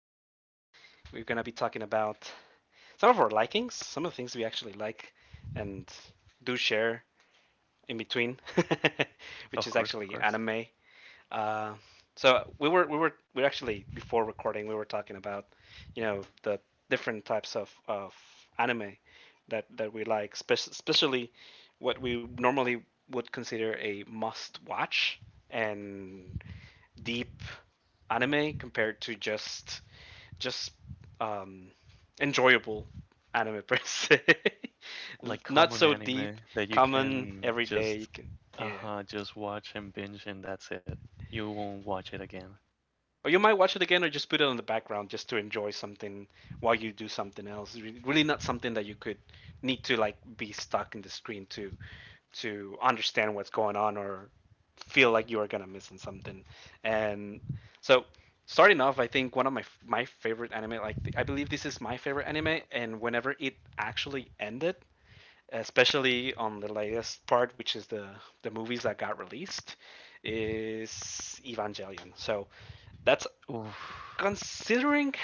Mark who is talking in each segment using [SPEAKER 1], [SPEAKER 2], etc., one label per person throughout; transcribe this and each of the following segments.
[SPEAKER 1] us. We're gonna be talking about some of our likings, some of the things we actually like and do share in between, which is
[SPEAKER 2] Of
[SPEAKER 1] actually
[SPEAKER 2] course, of course.
[SPEAKER 1] anime. Uh, so we were actually before recording we were talking about the different types of anime that we like, especially what we normally would consider a must watch and deep anime compared to just um, enjoyable anime per se.
[SPEAKER 2] Like
[SPEAKER 1] Not
[SPEAKER 2] common
[SPEAKER 1] so deep,
[SPEAKER 2] anime that you
[SPEAKER 1] common,
[SPEAKER 2] can
[SPEAKER 1] everyday. You
[SPEAKER 2] just
[SPEAKER 1] can, yeah.
[SPEAKER 2] uh-huh, just watch and binge and that's it. You won't watch it again.
[SPEAKER 1] Or you might watch it again, or just put it on the background just to enjoy something while you do something else. Really, not something that you could need to like be stuck in the screen to understand what's going on or feel like you are gonna missing something. And so, starting off, I think one of my favorite anime, like I believe this is my favorite anime, and whenever it actually ended, especially on the latest part, which is the movies that got released, is Evangelion. So that's
[SPEAKER 2] Oof.
[SPEAKER 1] considering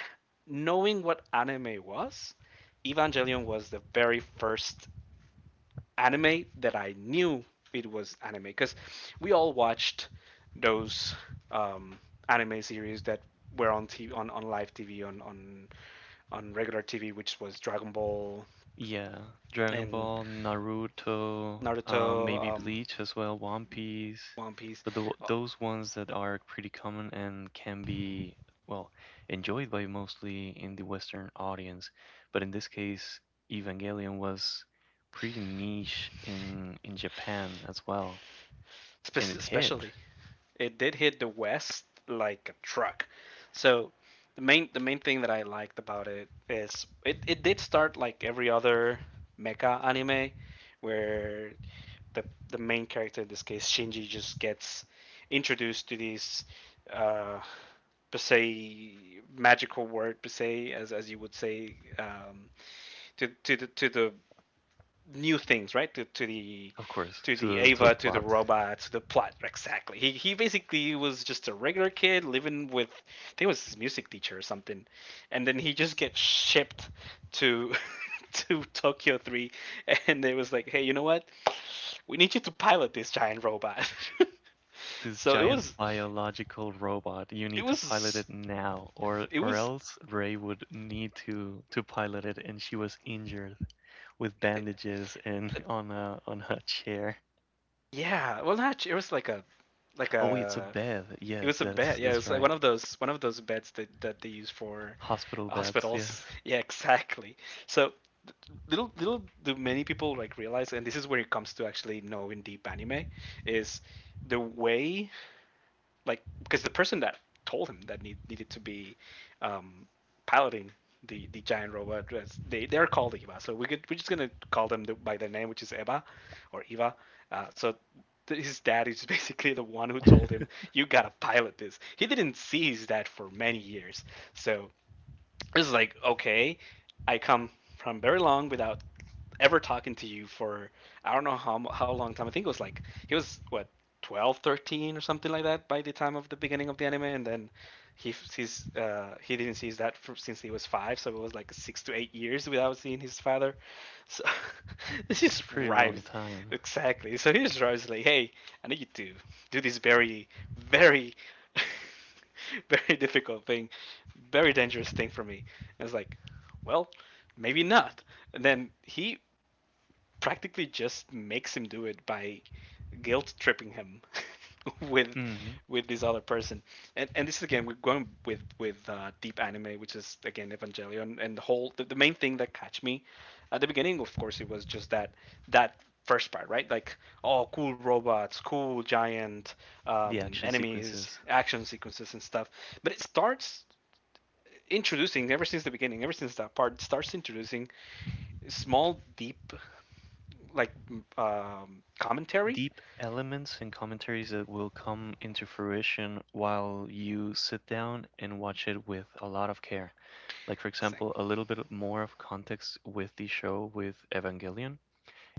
[SPEAKER 1] knowing what anime was, Evangelion was the very first anime that I knew it was anime because we all watched those um, anime series that were on TV, on live TV, on, on regular TV, which was Dragon Ball
[SPEAKER 2] Yeah. Dragon
[SPEAKER 1] and
[SPEAKER 2] Ball, Naruto,
[SPEAKER 1] Naruto,
[SPEAKER 2] maybe Bleach as well, One Piece.
[SPEAKER 1] One Piece,
[SPEAKER 2] But
[SPEAKER 1] uh,
[SPEAKER 2] those ones that are pretty common and can be, well, enjoyed by mostly in the Western audience. But in this case, Evangelion was pretty niche in Japan as well. And it
[SPEAKER 1] especially
[SPEAKER 2] hit,
[SPEAKER 1] it did hit the west like a truck. So the main thing that I liked about it is it did start like every other mecha anime where the the main character, in this case Shinji, just gets introduced to this uh per se magical word per se, as you would say, to the new things, right? To the
[SPEAKER 2] of course,
[SPEAKER 1] to the
[SPEAKER 2] to the
[SPEAKER 1] Ava, to the
[SPEAKER 2] plot.
[SPEAKER 1] robot, to the plot. Exactly. He basically was just a regular kid living with I think it was his music teacher or something, and then he just gets shipped to to Tokyo 3, and they was like, hey, you know what? We need you to pilot this giant robot.
[SPEAKER 2] This
[SPEAKER 1] So it
[SPEAKER 2] giant biological robot, you need
[SPEAKER 1] it
[SPEAKER 2] to pilot
[SPEAKER 1] was
[SPEAKER 2] it now, or
[SPEAKER 1] it was
[SPEAKER 2] else Ray would need to pilot it, and she was injured with bandages and on a chair.
[SPEAKER 1] yeah. Well, not it was like a like
[SPEAKER 2] Oh wait, it's a
[SPEAKER 1] a
[SPEAKER 2] bed.
[SPEAKER 1] It
[SPEAKER 2] Yes,
[SPEAKER 1] was a bed. Yeah, it
[SPEAKER 2] that's
[SPEAKER 1] was like one
[SPEAKER 2] right.
[SPEAKER 1] of those beds that that they use for
[SPEAKER 2] Hospital beds.
[SPEAKER 1] hospitals.
[SPEAKER 2] Yes,
[SPEAKER 1] Yeah, exactly. So little do many people like realize, and this is where it comes to actually knowing deep anime, is the way like because the person that told him that needed to be um, piloting the giant robot, they they're called Eva. So we could we're just gonna call them the, by their name, which is Eva or Eva. So his dad is basically the one who told him you gotta pilot this. He didn't see his dad for many years. So it's like okay, I come from very long without ever talking to you for I don't know how long time. I think it was like he was what 12, 13 or something like that by the time of the beginning of the anime, and then he's he didn't see his dad fr since he was 5, so it was like 6 to 8 years without seeing his father. So this just
[SPEAKER 2] it's a pretty
[SPEAKER 1] drives
[SPEAKER 2] long time.
[SPEAKER 1] exactly. So he just drives like, hey, I need you to do this very very. very difficult thing, very dangerous thing for me. And I was like, well, maybe not. And then he practically just makes him do it by guilt tripping him with
[SPEAKER 2] Hmm.
[SPEAKER 1] with this other person. And this is again we're going with deep anime, which is again Evangelion, and the whole the main thing that catch me at the beginning, of course, it was just that first part, right? Like oh, cool robots, cool giant
[SPEAKER 2] The action
[SPEAKER 1] enemies,
[SPEAKER 2] sequences.
[SPEAKER 1] action sequences and stuff. But it starts introducing ever since the beginning, ever since that part it starts introducing small deep like commentary.
[SPEAKER 2] Deep elements and commentaries that will come into fruition while you sit down and watch it with a lot of care. Like, for
[SPEAKER 1] It's like,
[SPEAKER 2] example, a little bit more of context with the show with Evangelion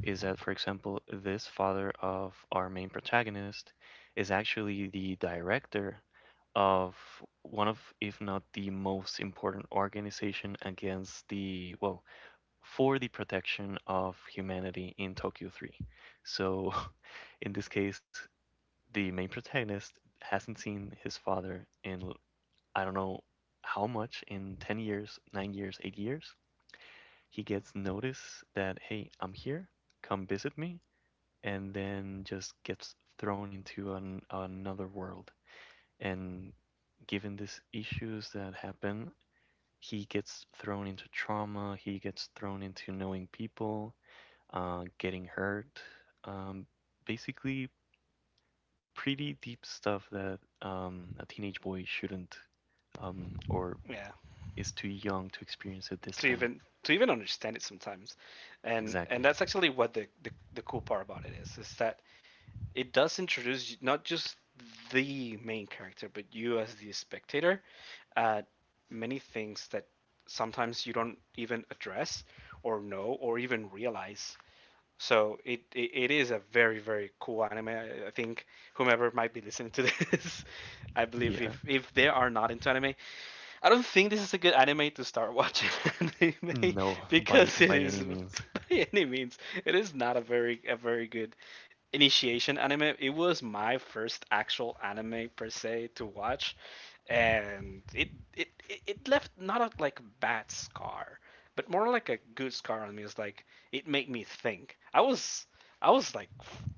[SPEAKER 2] is that, for example, this father of our main protagonist is actually the director of one of, if not the most important organization against the, well, for the protection of humanity in Tokyo 3. So, in this case, the main protagonist hasn't seen his father in I don't know how much, in 10 years, 9 years, 8 years. He gets notice that hey, I'm here, come visit me, and then just gets another world. And given these issues that happen, he gets thrown into trauma, he gets thrown into knowing people, getting hurt, um, basically pretty deep stuff that a teenage boy shouldn't, or
[SPEAKER 1] yeah,
[SPEAKER 2] is too young to experience at this time.
[SPEAKER 1] to even understand it sometimes, and
[SPEAKER 2] Exactly.
[SPEAKER 1] that's actually what the, the cool part about it is that it does introduce not just the main character but you as the spectator, uh, many things that sometimes you don't even address or know or even realize. So it is a very very cool anime. I think whomever might be listening to this, I believe
[SPEAKER 2] Yeah.
[SPEAKER 1] if they are not into anime, I don't think this is a good anime to start watching anime
[SPEAKER 2] No,
[SPEAKER 1] because it
[SPEAKER 2] by
[SPEAKER 1] is
[SPEAKER 2] any means.
[SPEAKER 1] by any means it is not a very good initiation anime. It was my first actual anime per se to watch, and it left not a like bad scar, but more like a good scar on me. It's like it made me think. I was like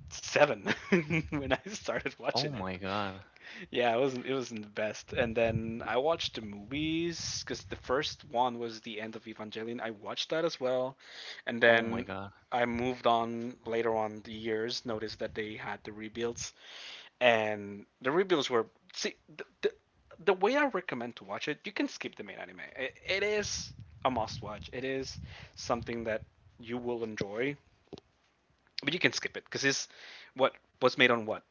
[SPEAKER 1] seven when I started watching
[SPEAKER 2] Oh
[SPEAKER 1] it.
[SPEAKER 2] my God.
[SPEAKER 1] Yeah, it wasn't the best. And then I watched the movies because the first one was the end of Evangelion. I watched that as well, and
[SPEAKER 2] Oh my
[SPEAKER 1] then
[SPEAKER 2] God.
[SPEAKER 1] I moved on later on the years. Noticed that they had the rebuilds, and the rebuilds were see the way I recommend to watch it. You can skip the main anime. It is a must watch. It is something that you will enjoy, but you can skip it because it's what was made on what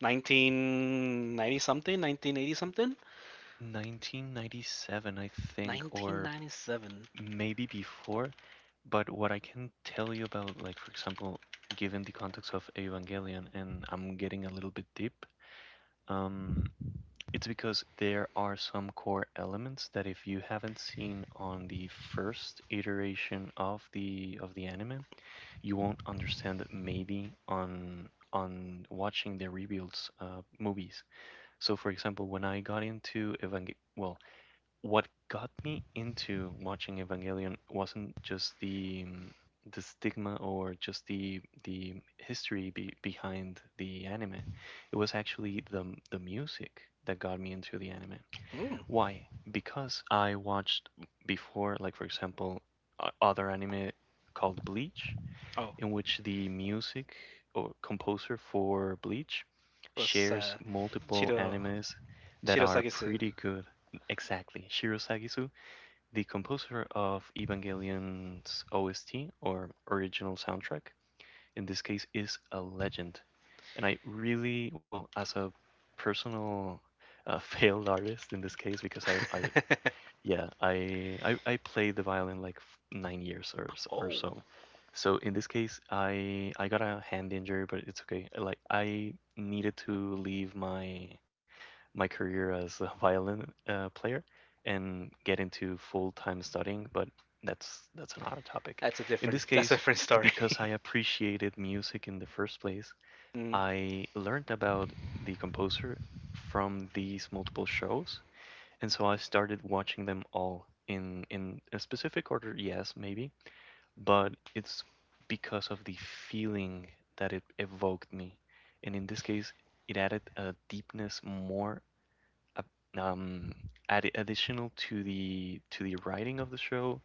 [SPEAKER 1] 1990 something, 1980 something,
[SPEAKER 2] 1997, I think, or
[SPEAKER 1] 1997.
[SPEAKER 2] maybe before. But what I can tell you about, like, for example, given the context of Evangelion, and I'm getting a little bit deep, um, it's because there are some core elements that if you haven't seen on the first iteration of the anime, you won't understand maybe on watching the rebuilds movies. So for example, when I got into Evangel well, what got me into watching Evangelion wasn't just the stigma or just the history be behind the anime. It was actually the music that got me into the anime.
[SPEAKER 1] Mm.
[SPEAKER 2] Why? Because I watched before, like for example, other anime called Bleach,
[SPEAKER 1] Oh,
[SPEAKER 2] in which the music or composer for Bleach
[SPEAKER 1] it was
[SPEAKER 2] shares multiple
[SPEAKER 1] Chiro
[SPEAKER 2] animes that
[SPEAKER 1] Chiro
[SPEAKER 2] are
[SPEAKER 1] Sagisu.
[SPEAKER 2] pretty good. Exactly. Shiro Sagisu, the composer of Evangelion's OST or original soundtrack, in this case is a legend. And I really, well, as a personal failed artist in this case, because I yeah, I played the violin like 9 years or
[SPEAKER 1] Oh,
[SPEAKER 2] so. So in this case, I got a hand injury, but it's okay. Like I needed to leave my my career as a violin player and get into full-time studying, but that's another topic. In this
[SPEAKER 1] that's a
[SPEAKER 2] case,
[SPEAKER 1] different story.
[SPEAKER 2] because I appreciated music in the first place,
[SPEAKER 1] Mm.
[SPEAKER 2] I learned about the composer from these multiple shows, and so I started watching them all in a specific order, yes, maybe, but it's because of the feeling that it evoked me. And in this case, it added a deepness more uh, um added additional to the writing of the show,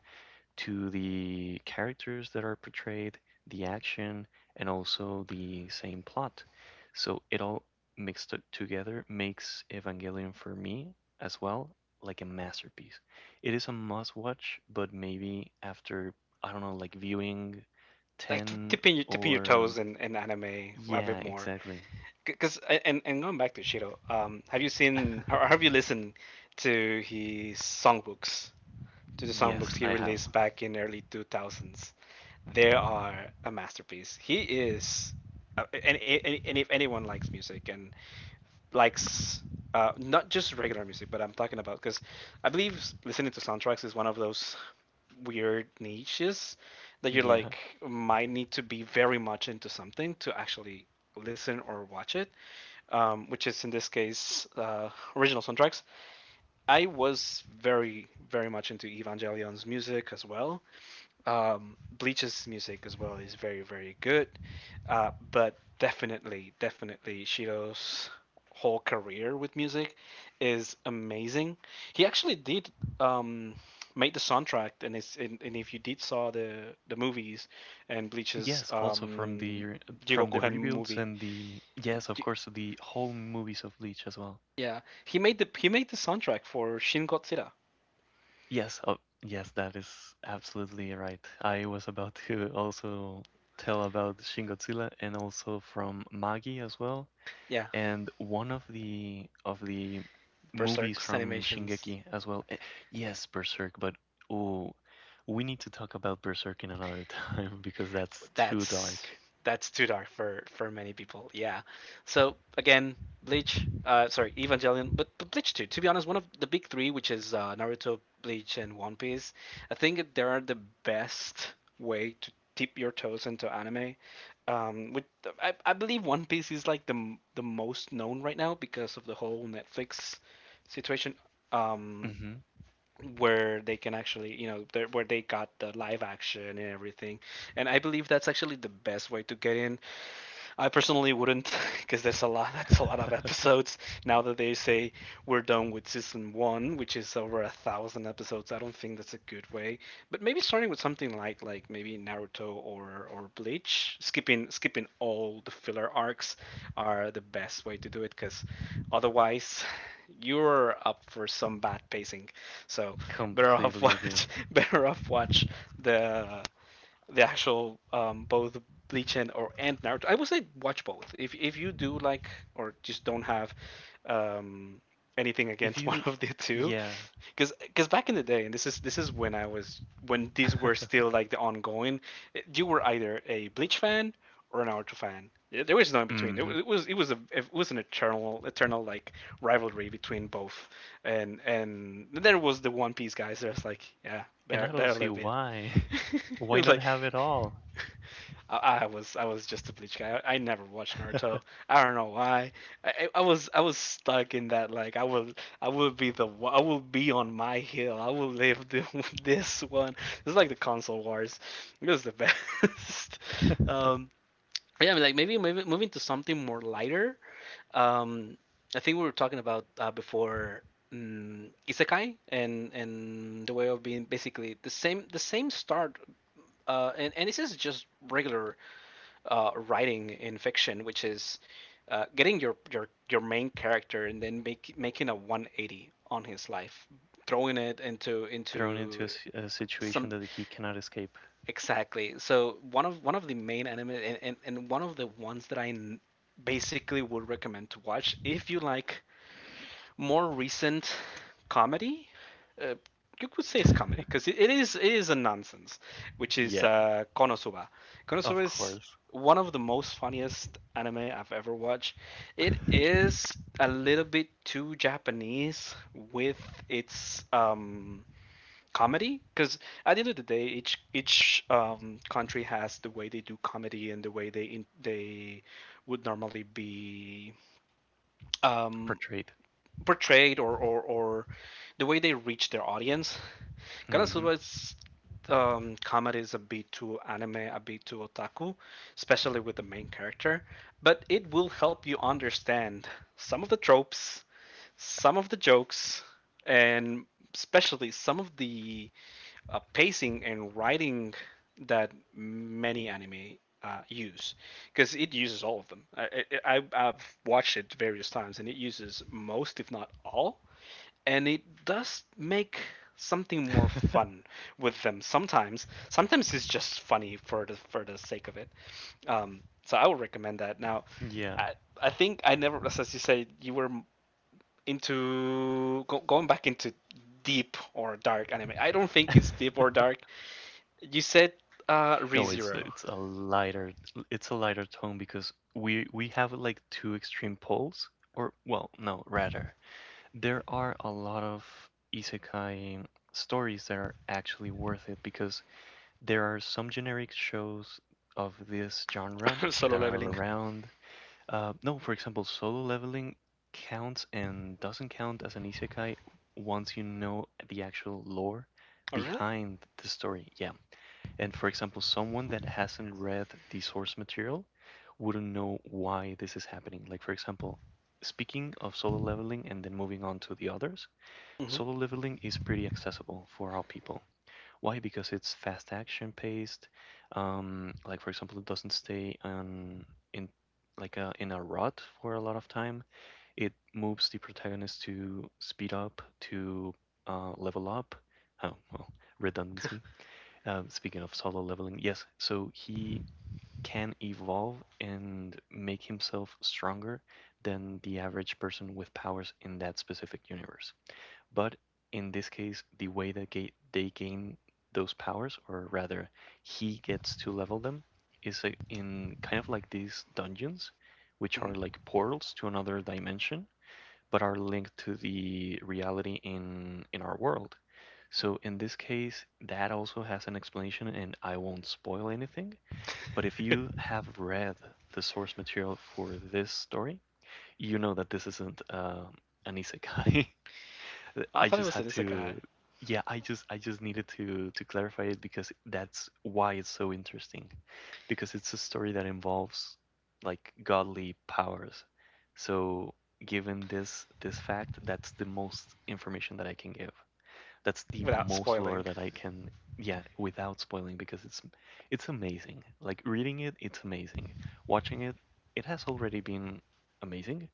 [SPEAKER 2] to the characters that are portrayed, the action, and also the same plot. So it all mixed together makes Evangelion for me as well like a masterpiece. It is a must watch, but maybe after, I don't know, like viewing
[SPEAKER 1] Like
[SPEAKER 2] 10
[SPEAKER 1] tipping your
[SPEAKER 2] or.
[SPEAKER 1] toes in anime a
[SPEAKER 2] Yeah,
[SPEAKER 1] bit more,
[SPEAKER 2] exactly.
[SPEAKER 1] because and going back to Shiro, have you seen or have you listened to his songbooks? To the songbooks
[SPEAKER 2] Yes,
[SPEAKER 1] he
[SPEAKER 2] I have.
[SPEAKER 1] released back in early 2000s, they are a masterpiece. He is, and if anyone likes music and likes not just regular music, but I'm talking about because I believe listening to soundtracks is one of those weird niches that you're
[SPEAKER 2] Yeah.
[SPEAKER 1] like might need to be very much into something to actually listen or watch it, which is in this case original soundtracks. I was very, very much into Evangelion's music as well. Bleach's music as well is very, very good. But definitely, definitely, Shiro's whole career with music is amazing. He actually did um, made the soundtrack, and if you did saw the movies and Bleach's
[SPEAKER 2] Yes, also from the
[SPEAKER 1] Jigoku
[SPEAKER 2] rebuilds
[SPEAKER 1] movie,
[SPEAKER 2] and the yes, of course, the whole movies of Bleach as well.
[SPEAKER 1] yeah, he made the soundtrack for Shin Godzilla.
[SPEAKER 2] Yes, oh, yes, that is absolutely right. I was about to also tell about Shin Godzilla and also from Magi as well,
[SPEAKER 1] Yeah,
[SPEAKER 2] and one of the movies
[SPEAKER 1] Berserk's
[SPEAKER 2] from
[SPEAKER 1] animations
[SPEAKER 2] Shingeki as well. Eh, yes, Berserk, but oh, we need to talk about Berserk in another time because that's too
[SPEAKER 1] that's
[SPEAKER 2] dark.
[SPEAKER 1] that's too dark for many people. Yeah. So again, Bleach, sorry, Evangelion, but Bleach too. To be honest, one of the big three, which is Naruto, Bleach, and One Piece, I think they are the best way to dip your toes into anime. With I believe One Piece is like the most known right now because of the whole Netflix situation. Um,
[SPEAKER 2] Mm-hmm.
[SPEAKER 1] where they can actually you know where they got the live action and everything, and I believe that's actually the best way to get in. I personally wouldn't, because there's a lot. That's a lot of episodes. Now that they say we're done with season one, which is over 1,000 episodes, I don't think that's a good way. But maybe starting with something like maybe Naruto or Bleach, skipping all the filler arcs are the best way to do it, because otherwise you're up for some bad pacing. So better off
[SPEAKER 2] Completely
[SPEAKER 1] watch
[SPEAKER 2] agree.
[SPEAKER 1] better off watch the the actual both Bleach and Naruto. I would say watch both. If you do like or just don't have um, anything
[SPEAKER 2] If
[SPEAKER 1] against one
[SPEAKER 2] you,
[SPEAKER 1] of the two,
[SPEAKER 2] yeah,
[SPEAKER 1] because back in the day, and this is when I was when these were still like the ongoing, eh, you were either a Bleach fan or an Naruto fan. Yeah, there was no in between.
[SPEAKER 2] mm-hmm.
[SPEAKER 1] It it was an eternal like rivalry between both, and there was the One Piece guys. There's like yeah,
[SPEAKER 2] And I don't
[SPEAKER 1] they're a
[SPEAKER 2] see
[SPEAKER 1] little bit
[SPEAKER 2] why.
[SPEAKER 1] it
[SPEAKER 2] Why
[SPEAKER 1] was
[SPEAKER 2] not
[SPEAKER 1] like
[SPEAKER 2] have it all?
[SPEAKER 1] I was just a Bleach guy. I never watched Naruto. I don't know why. I was stuck in that like I will be I will be on my hill. I will live the, this one. It's like the console wars. It was the best. Um, yeah, I mean, like maybe moving to something more lighter. Um, I think we were talking about before isekai and the way of being basically the same start and this is just regular writing in fiction, which is getting your main character and then making a 180 on his life, throwing it into
[SPEAKER 2] Thrown into
[SPEAKER 1] into
[SPEAKER 2] a situation
[SPEAKER 1] some.
[SPEAKER 2] that he cannot escape.
[SPEAKER 1] Exactly. So one of the main anime and one of the ones that I basically would recommend to watch if you like more recent comedy. Uh, you could say it's comedy because it is a nonsense, which is
[SPEAKER 2] Yeah,
[SPEAKER 1] Konosuba. Konosuba
[SPEAKER 2] of
[SPEAKER 1] is
[SPEAKER 2] course.
[SPEAKER 1] one of the most funniest anime I've ever watched. It is a little bit too Japanese with its comedy because at the end of the day, each country has the way they do comedy and the way they would normally be um,
[SPEAKER 2] Portrayed.
[SPEAKER 1] portrayed or the way they reach their audience.
[SPEAKER 2] Hmm.
[SPEAKER 1] Konosuba's comedy is a bit too anime, a bit too otaku, especially with the main character. But it will help you understand some of the tropes, some of the jokes, and especially some of the pacing and writing that many anime use because it uses all of them. I've watched it various times and it uses most, if not all, and it does make something more fun with them sometimes. Sometimes it's just funny for the sake of it. So I would recommend that. Now,
[SPEAKER 2] Yeah.
[SPEAKER 1] I, I think I never, as you say, you were into going back into deep or dark anime. I don't think it's deep or dark. You said Re
[SPEAKER 2] No, it's
[SPEAKER 1] Zero,
[SPEAKER 2] a lighter, it's a lighter tone because we have like two extreme poles, or well, no, rather there are a lot of isekai stories that are actually worth it because there are some generic shows of this genre
[SPEAKER 1] solo
[SPEAKER 2] that are
[SPEAKER 1] leveling.
[SPEAKER 2] around. No, for example, solo leveling counts and doesn't count as an isekai once you know the actual lore
[SPEAKER 1] Oh, really?
[SPEAKER 2] behind the story. Yeah. And for example, someone that hasn't read the source material wouldn't know why this is happening. Like, for example, speaking of solo leveling and then moving on to the others,
[SPEAKER 1] Hmm.
[SPEAKER 2] solo leveling is pretty accessible for all people. Why? Because it's fast action paced. Like for example, it doesn't stay on in like a, in a rut for a lot of time. It moves the protagonist to speed up, to level up. Oh, well, redundancy. Speaking of solo leveling, yes. So he can evolve and make himself stronger than the average person with powers in that specific universe. But in this case, the way that they gain those powers, or rather, he gets to level them, is in kind of like these dungeons, which are
[SPEAKER 1] Hmm.
[SPEAKER 2] like portals to another dimension, but are linked to the reality in our world. So in this case, that also has an explanation, and I won't spoil anything. But if you have read the source material for this story, you know that this isn't an isekai.
[SPEAKER 1] I
[SPEAKER 2] I
[SPEAKER 1] thought it
[SPEAKER 2] just
[SPEAKER 1] was
[SPEAKER 2] had
[SPEAKER 1] an
[SPEAKER 2] to,
[SPEAKER 1] isekai.
[SPEAKER 2] yeah, I just needed to clarify it because that's why it's so interesting, because it's a story that involves like godly powers. So given this fact, that's the most information that I can give. That's the
[SPEAKER 1] Without
[SPEAKER 2] most lore
[SPEAKER 1] spoiling.
[SPEAKER 2] that I can, yeah, without spoiling because it's amazing. Like reading it, it's amazing. Watching it, it has already been amazing,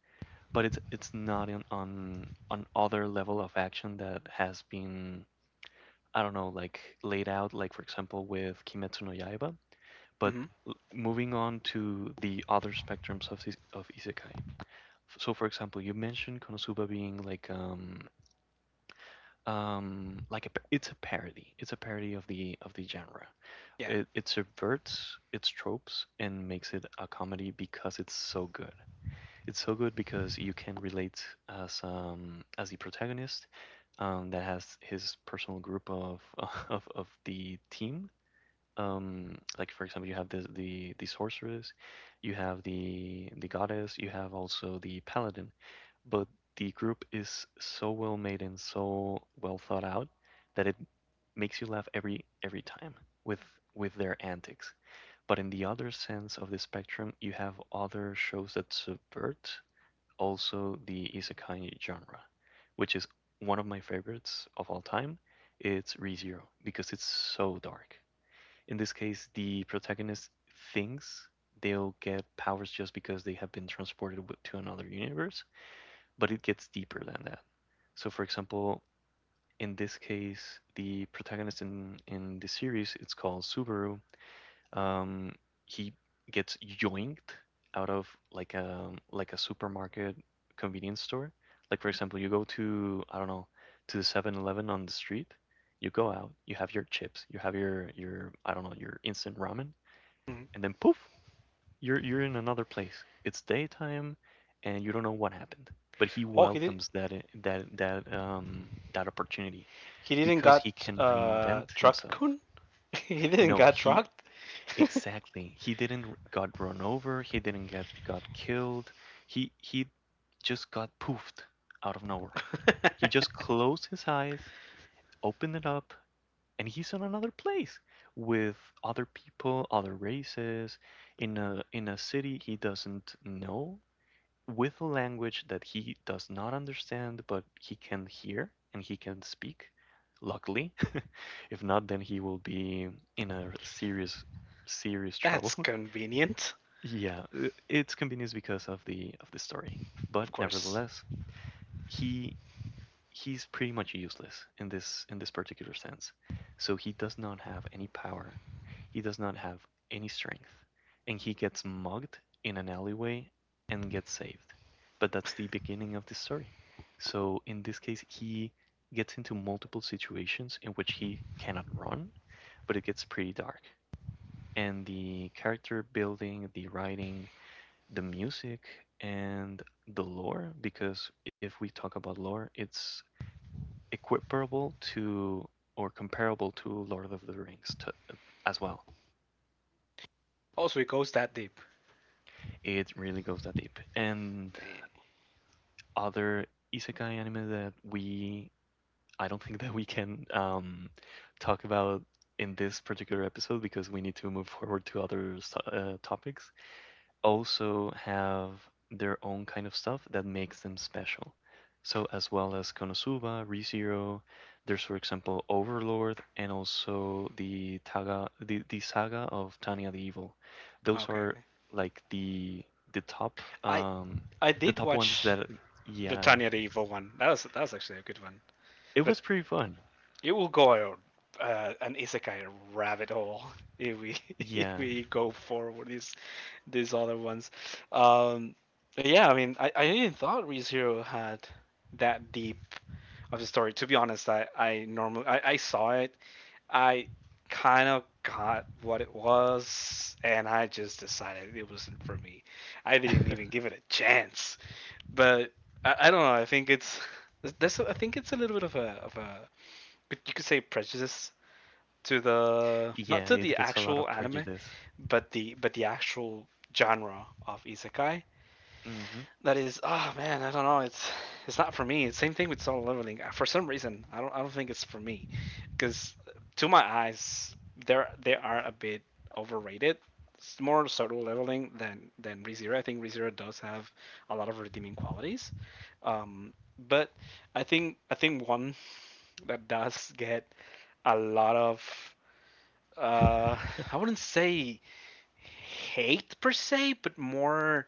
[SPEAKER 2] but it's not on other level of action that has been, I don't know, like laid out like for example with Kimetsu no Yaiba, but
[SPEAKER 1] Hmm.
[SPEAKER 2] moving on to the other spectrums of isekai. So for example, you mentioned Konosuba being like it's a parody, it's a parody of the genre.
[SPEAKER 1] Yeah.
[SPEAKER 2] It subverts its tropes and makes it a comedy because it's so good because you can relate as the protagonist, that has his personal group of of the team. Like for example, you have the sorceress, you have the goddess, you have also the paladin, but the group is so well made and so well thought out that it makes you laugh every time with with their antics. But in the other sense of the spectrum, you have other shows that subvert also the isekai genre, which is one of my favorites of all time. It's ReZero because it's so dark. In this case, the protagonist thinks they'll get powers just because they have been transported to another universe, but it gets deeper than that. So, for example, in this case, the protagonist in the series, it's called Subaru, um, he gets yoinked out of like a supermarket convenience store. Like for example, you go to, I don't know, to the 7-Eleven on the street. You go out, you have your chips, you have your I don't know, your instant ramen,
[SPEAKER 1] Hmm.
[SPEAKER 2] and then poof, you're in another place. It's daytime, and you don't know what happened. But he
[SPEAKER 1] Oh, he did.
[SPEAKER 2] welcomes that that opportunity
[SPEAKER 1] He didn't
[SPEAKER 2] because he
[SPEAKER 1] got
[SPEAKER 2] can reinvent
[SPEAKER 1] truck
[SPEAKER 2] himself.
[SPEAKER 1] kun. he didn't
[SPEAKER 2] No,
[SPEAKER 1] got
[SPEAKER 2] he
[SPEAKER 1] trucked.
[SPEAKER 2] exactly. He didn't got run over, he didn't get got killed. He just got poofed out of nowhere. He just closed his eyes, opened it up, and he's in another place with other people, other races, in a city he doesn't know, with a language that he does not understand, but he can hear and he can speak, luckily. If not, then he will be in a serious trouble.
[SPEAKER 1] That's convenient,
[SPEAKER 2] Yeah, it's convenience because of the story.
[SPEAKER 1] of
[SPEAKER 2] But
[SPEAKER 1] course.
[SPEAKER 2] nevertheless, he he's pretty much useless in this particular sense. So he does not have any power. He does not have any strength. And he gets mugged in an alleyway and gets saved. But that's the beginning of the story. So in this case, he gets into multiple situations in which he cannot run, but it gets pretty dark. And the character building, the writing, the music, and the lore, because if we talk about lore, it's equiparable to or comparable to Lord of the Rings to, as well.
[SPEAKER 1] Also, it goes that deep.
[SPEAKER 2] It really goes that deep. And
[SPEAKER 1] Dang.
[SPEAKER 2] other isekai anime that we I don't think that we can talk about in this particular episode because we need to move forward to other topics. Also have their own kind of stuff that makes them special. So as well as Konosuba, ReZero, there's for example Overlord and also the saga of Tanya the Evil. Those
[SPEAKER 1] Okay,
[SPEAKER 2] are
[SPEAKER 1] okay.
[SPEAKER 2] like the top
[SPEAKER 1] I I
[SPEAKER 2] the
[SPEAKER 1] did
[SPEAKER 2] top ones
[SPEAKER 1] watch
[SPEAKER 2] that
[SPEAKER 1] the
[SPEAKER 2] yeah.
[SPEAKER 1] Tanya the Evil one. That was actually a good one.
[SPEAKER 2] It
[SPEAKER 1] But
[SPEAKER 2] was pretty fun.
[SPEAKER 1] it will go an isekai rabbit hole if we if
[SPEAKER 2] Yeah.
[SPEAKER 1] we go forward these other ones. Um, yeah, I mean, I didn't thought ReZero had that deep of the story. To be honest, I normally I saw it. I kind of got what it was, and I just decided it wasn't for me. I didn't even give it a chance. But I don't know. I think it's that's I think it's a little bit of a you could say prejudice to the, not
[SPEAKER 2] Yeah,
[SPEAKER 1] to
[SPEAKER 2] it
[SPEAKER 1] the
[SPEAKER 2] gets a lot
[SPEAKER 1] actual
[SPEAKER 2] of
[SPEAKER 1] anime,
[SPEAKER 2] prejudice.
[SPEAKER 1] but the actual genre of isekai.
[SPEAKER 2] Hmm.
[SPEAKER 1] That is, oh man, I don't know. It's not for me. Same thing with solo leveling. For some reason, I don't, I don't think it's for me, because to my eyes, they are a bit overrated. It's more solo leveling than ReZero. I think ReZero does have a lot of redeeming qualities, um, but I think one that does get a lot of uh, I wouldn't say hate per se, but more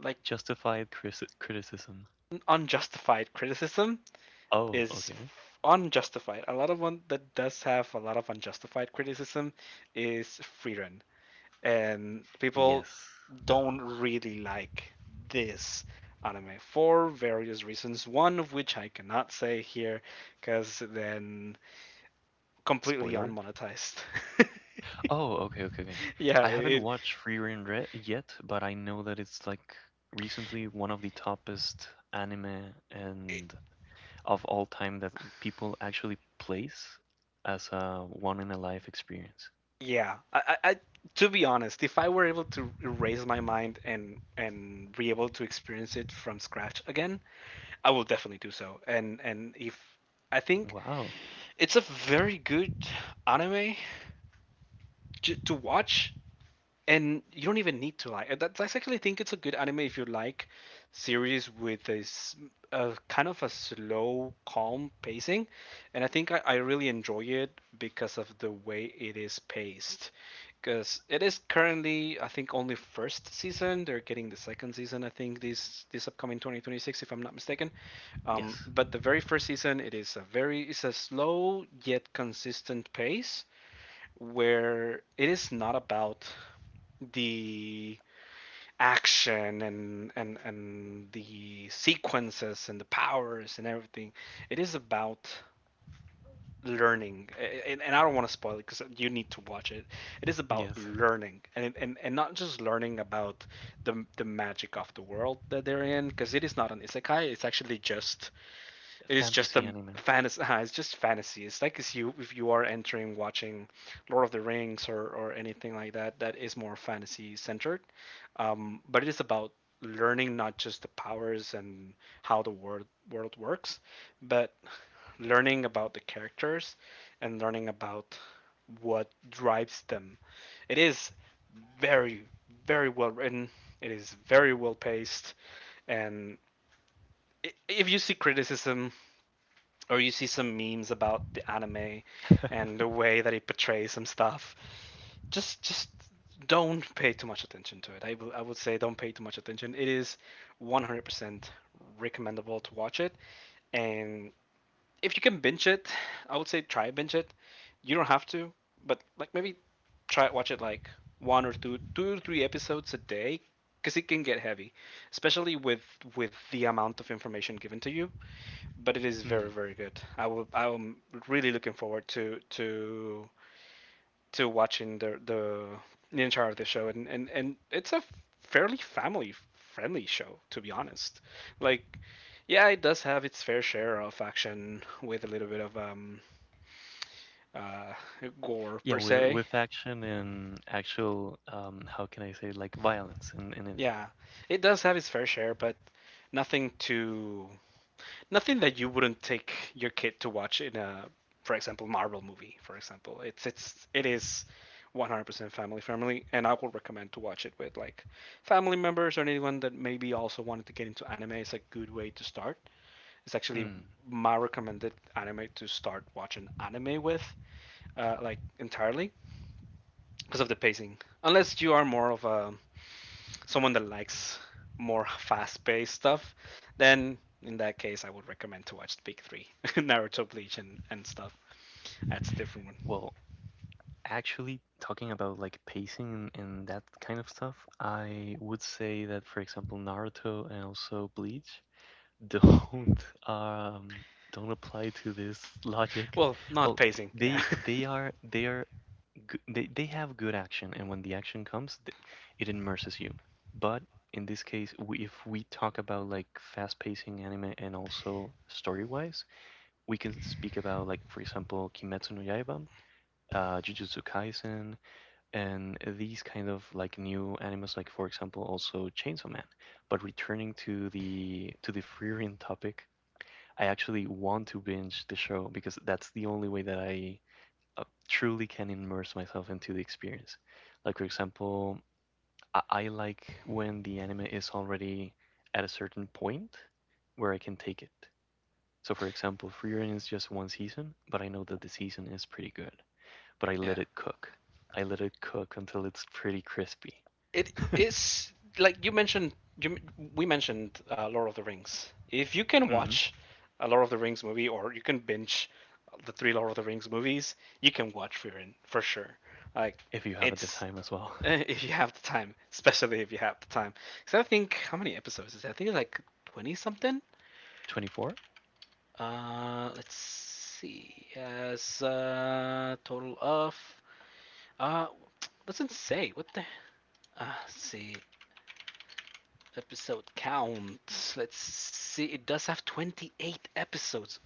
[SPEAKER 1] like
[SPEAKER 2] Criticism.
[SPEAKER 1] unjustified criticism
[SPEAKER 2] Oh,
[SPEAKER 1] is
[SPEAKER 2] okay.
[SPEAKER 1] unjustified. A lot of one that does have a lot of unjustified criticism is *Frieren*, and people
[SPEAKER 2] Yes.
[SPEAKER 1] don't really like this anime for various reasons. One of which I cannot say here, because then completely
[SPEAKER 2] Spoiler.
[SPEAKER 1] unmonetized.
[SPEAKER 2] Oh, okay, okay, okay.
[SPEAKER 1] yeah,
[SPEAKER 2] I haven't
[SPEAKER 1] it,
[SPEAKER 2] watched Free Rein Re yet, but I know that it's like recently one of the toppest anime and of all time that people actually place as a one in a life experience.
[SPEAKER 1] yeah. I- To be honest, if I were able to erase my mind and be able to experience it from scratch again, I will definitely do so. And if I think
[SPEAKER 2] Wow.
[SPEAKER 1] it's a very good anime to watch, and you don't even need to like. That's I actually think it's a good anime if you like series with a a kind of a slow, calm pacing, and I think I really enjoy it because of the way it is paced. Because it is currently, I think, only first season. They're getting the second season, I think, this upcoming 2026, if I'm not mistaken.
[SPEAKER 2] Yes.
[SPEAKER 1] But the very first season, it is a very, it's a slow yet consistent pace where it is not about the action and the sequences and the powers and everything. It is about learning, and I don't want to spoil it because you need to watch it. It is about
[SPEAKER 2] Yes.
[SPEAKER 1] learning, and not just learning about the magic of the world that they're in, because it is not an isekai, it's actually just, it is just
[SPEAKER 2] Fantasy
[SPEAKER 1] a
[SPEAKER 2] anime.
[SPEAKER 1] fantasy. It's just fantasy. It's like if you, if you are entering watching Lord of the Rings or anything like that that is more fantasy centered, but it is about learning not just the powers and how the world works, but learning about the characters and learning about what drives them. It is very very well written. It is very well paced, and if you see criticism or you see some memes about the anime and the way that it portrays some stuff, just don't pay too much attention to it. I would say don't pay too much attention. It is 100% recommendable to watch it, and if you can binge it, I would say try binge it. You don't have to, but like maybe try watch it like one or two, two or three episodes a day, because it can get heavy, especially with the amount of information given to you. But it is very
[SPEAKER 2] Mm.
[SPEAKER 1] very good. I'm really looking forward to watching the entire of the show, and it's a fairly family friendly show to be honest. Like yeah, it does have its fair share of action with a little bit of uh gore
[SPEAKER 2] Yeah,
[SPEAKER 1] per se.
[SPEAKER 2] with action and actual how can I say, like violence in it.
[SPEAKER 1] Yeah, it does have its fair share, but nothing too, nothing that you wouldn't take your kid to watch in a, for example, Marvel movie. For example, it is 100% family friendly, and I would recommend to watch it with like family members or anyone that maybe also wanted to get into anime. It's a good way to start. It's actually
[SPEAKER 2] Mm.
[SPEAKER 1] my recommended anime to start watching anime with, like entirely because of the pacing. Unless you are more of a someone that likes more fast-paced stuff, then in that case, I would recommend to watch the big three: Naruto, Bleach, and stuff. That's a different one.
[SPEAKER 2] Well, actually, talking about like pacing and that kind of stuff, I would say that, for example, Naruto and also Bleach don't um don't apply to this logic.
[SPEAKER 1] Well, not
[SPEAKER 2] Well,
[SPEAKER 1] pacing. Yeah,
[SPEAKER 2] they are g they have good action, and when the action comes, th it immerses you. But in this case, we, if we talk about like fast pacing anime and also story wise, we can speak about like, for example, Kimetsu no Yaiba, Jujutsu Kaisen, and these kind of like new animes like, for example, also Chainsaw Man. But returning to the Freerian topic, I actually want to binge the show, because that's the only way that I truly can immerse myself into the experience. Like, for example, I like when the anime is already at a certain point where I can take it. So, for example, Freerian is just one season, but I know that the season is pretty good, but I let
[SPEAKER 1] yeah.
[SPEAKER 2] it cook. I let it cook until it's pretty crispy.
[SPEAKER 1] It is like you mentioned. You, we mentioned Lord of the Rings. If you can
[SPEAKER 2] Mhm.
[SPEAKER 1] watch a Lord of the Rings movie, or you can binge the three Lord of the Rings movies, you can watch Furin for sure. Like
[SPEAKER 2] If you have at the
[SPEAKER 1] it's
[SPEAKER 2] time as well.
[SPEAKER 1] If you have the time, especially if you have the time. Because I think how many episodes is that? I think it's like 20 something.
[SPEAKER 2] 24?
[SPEAKER 1] Let's see. As total of uh, doesn't say what the. Let's see episode count. Let's see. It does have 28 episodes.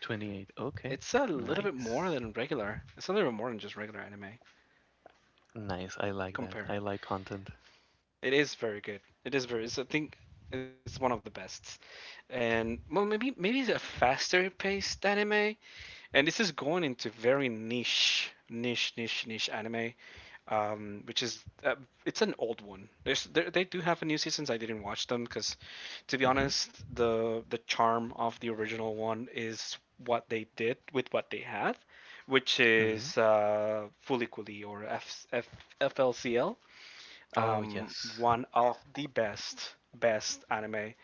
[SPEAKER 2] 28. Okay.
[SPEAKER 1] It's a little bit more
[SPEAKER 2] Nice.
[SPEAKER 1] than regular. It's a little bit more than just regular anime
[SPEAKER 2] Nice. I like that. I
[SPEAKER 1] compared.
[SPEAKER 2] like content.
[SPEAKER 1] It is very good. It is very. It's, I think it's one of the best. And well, maybe maybe it's a faster paced anime. And this is going into very niche, niche, niche, niche anime. Which is it's an old one. There, they do have a new seasons. I didn't watch them because, to be
[SPEAKER 2] Mhm.
[SPEAKER 1] honest, the charm of the original one is what they did with what they had, which
[SPEAKER 2] Mhm.
[SPEAKER 1] is Fulikuli, or FLCL,
[SPEAKER 2] Oh, yes.
[SPEAKER 1] one of the best best anime,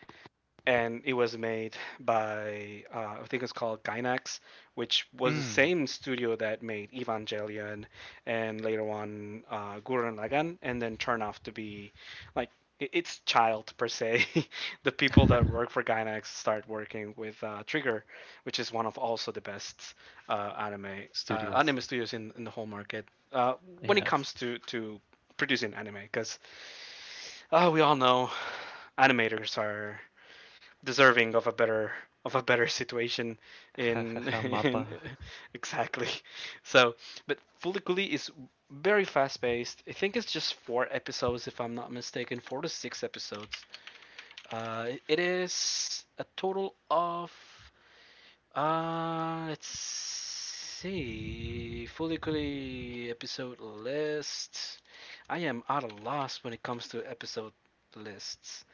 [SPEAKER 1] and it was made by I think it's called Gainax, which was the
[SPEAKER 2] Mm.
[SPEAKER 1] same studio that made Evangelion and later on Gurren Lagann, and then turned off to be like its child per se. the people that work for Gainax start working with Trigger, which is one of also the best uh, anime
[SPEAKER 2] Studios.
[SPEAKER 1] anime studios in the whole market uh, when it
[SPEAKER 2] Yes.
[SPEAKER 1] comes to producing anime because oh, we all know animators are deserving of a better situation
[SPEAKER 2] Ha ha ha
[SPEAKER 1] in,
[SPEAKER 2] Mappa.
[SPEAKER 1] in exactly. So but Fuliculi is very fast paced. I think it's just 4 episodes, if I'm not mistaken, 4 to 6 episodes. It is a total of let's see, Fuliculi episode list. I am out of loss when it comes to episode lists.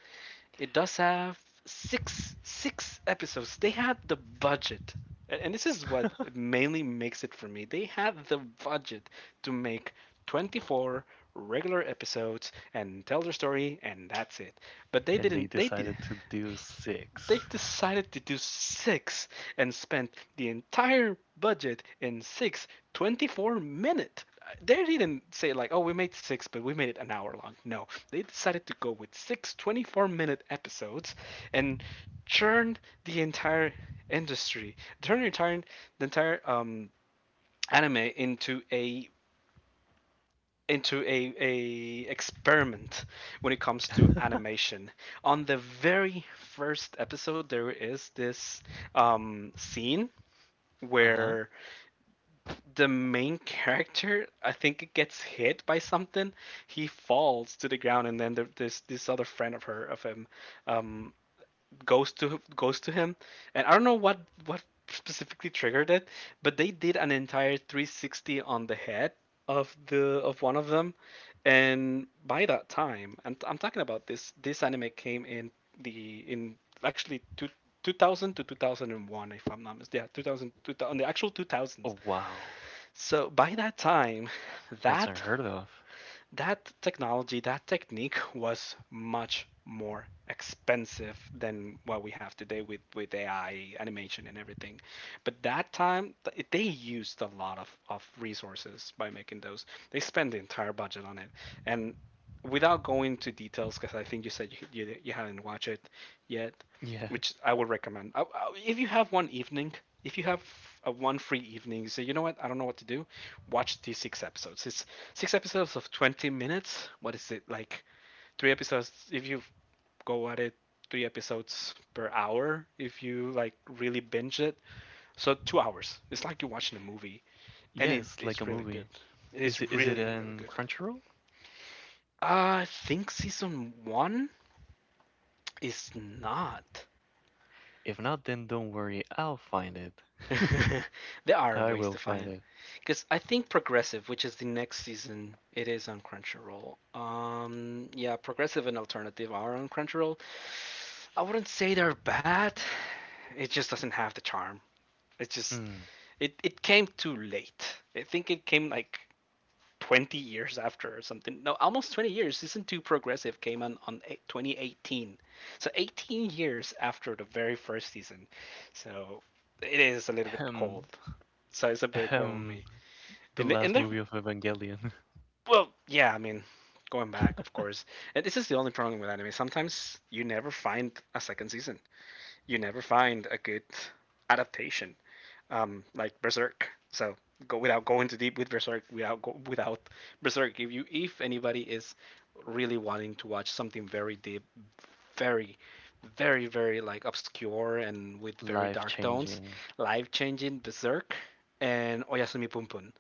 [SPEAKER 1] It does have 6 episodes. They had the budget, and this is what mainly makes it for me. They had the budget to make 24 regular episodes and tell their story, and that's it. But they
[SPEAKER 2] And they
[SPEAKER 1] didn't. They did,
[SPEAKER 2] decided to do
[SPEAKER 1] they
[SPEAKER 2] six.
[SPEAKER 1] decided to do six and spent the entire budget in six 24 minute... They didn't say like, oh, we made six but we made it an hour long. No, they decided to go with six 24-minute episodes and churned the entire industry, turned the entire anime into a experiment when it comes to animation. On the very first episode, there is this scene
[SPEAKER 2] Uh-huh.
[SPEAKER 1] where the main character, I think, it gets hit by something. He falls to the ground, and then there's this other friend of her of him, um, goes to him, and I don't know what specifically triggered it, but they did an entire 360 on the head of the of one of them. And by that time, I'm talking about this anime came in the in actually 2000 to 2001 if I'm not mistaken. Yeah, 2000, 2000, on the actual
[SPEAKER 2] Oh,
[SPEAKER 1] 2000s.
[SPEAKER 2] wow.
[SPEAKER 1] So by that time,
[SPEAKER 2] That's
[SPEAKER 1] that
[SPEAKER 2] unheard of.
[SPEAKER 1] that technology, that technique was much more expensive than what we have today with AI animation and everything. But that time, they used a lot of resources by making those. They spent the entire budget on it. And without going to details, because I think you said you haven't watched it yet,
[SPEAKER 2] Yeah.
[SPEAKER 1] which I would recommend. If you have one evening, if you have a one free evening, you say, you know what, I don't know what to do, watch these six episodes. It's six episodes of 20 minutes. What is it like? Three episodes if you go at it, three episodes per hour if you like really binge it. So 2 hours. It's like you're watching a movie, and it
[SPEAKER 2] Yes, like a
[SPEAKER 1] is really good.
[SPEAKER 2] movie.
[SPEAKER 1] It is
[SPEAKER 2] Is it, is it
[SPEAKER 1] really good.
[SPEAKER 2] Crunchyroll?
[SPEAKER 1] I think season one is not.
[SPEAKER 2] If not, then don't worry. I'll find it.
[SPEAKER 1] There are
[SPEAKER 2] I
[SPEAKER 1] ways
[SPEAKER 2] will
[SPEAKER 1] to
[SPEAKER 2] find
[SPEAKER 1] find...
[SPEAKER 2] it.
[SPEAKER 1] Because I think Progressive, which is the next season, it is on Crunchyroll. Yeah, Progressive and Alternative are on Crunchyroll. I wouldn't say they're bad. It just doesn't have the charm. It just...
[SPEAKER 2] Mm.
[SPEAKER 1] it came too late. I think it came like 20 years after or something. No, almost 20 years. Season 2 Progressive came on 2018. So 18 years after the very first season. So it is a little bit
[SPEAKER 2] Ahem.
[SPEAKER 1] cold. So it's a bit cold on
[SPEAKER 2] Ahem.
[SPEAKER 1] me.
[SPEAKER 2] The last
[SPEAKER 1] And they're
[SPEAKER 2] movie of Evangelion.
[SPEAKER 1] Well, yeah, I mean, going back, of course, and this is the only problem with anime. Sometimes you never find a second season. You never find a good adaptation, like Berserk. So go without going too deep with Berserk. Without go, without Berserk, if you, if anybody is really wanting to watch something very deep, very very like obscure and with very
[SPEAKER 2] Life
[SPEAKER 1] dark tones,
[SPEAKER 2] changing.
[SPEAKER 1] life changing, Berserk and Oyasumi Punpun.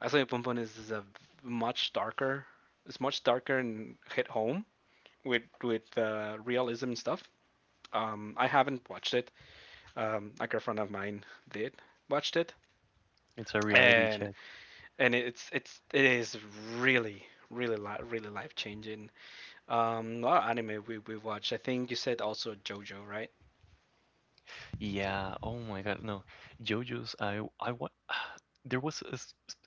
[SPEAKER 1] Oyasumi Punpun is a much darker. It's much darker and hit home with realism and stuff. I haven't watched it. A girlfriend of mine did watched it,
[SPEAKER 2] It's a reality
[SPEAKER 1] and
[SPEAKER 2] check.
[SPEAKER 1] it is really really life changing. What anime we watched? I think you said also JoJo, right?
[SPEAKER 2] Yeah. Oh my God. No. JoJo's. There was a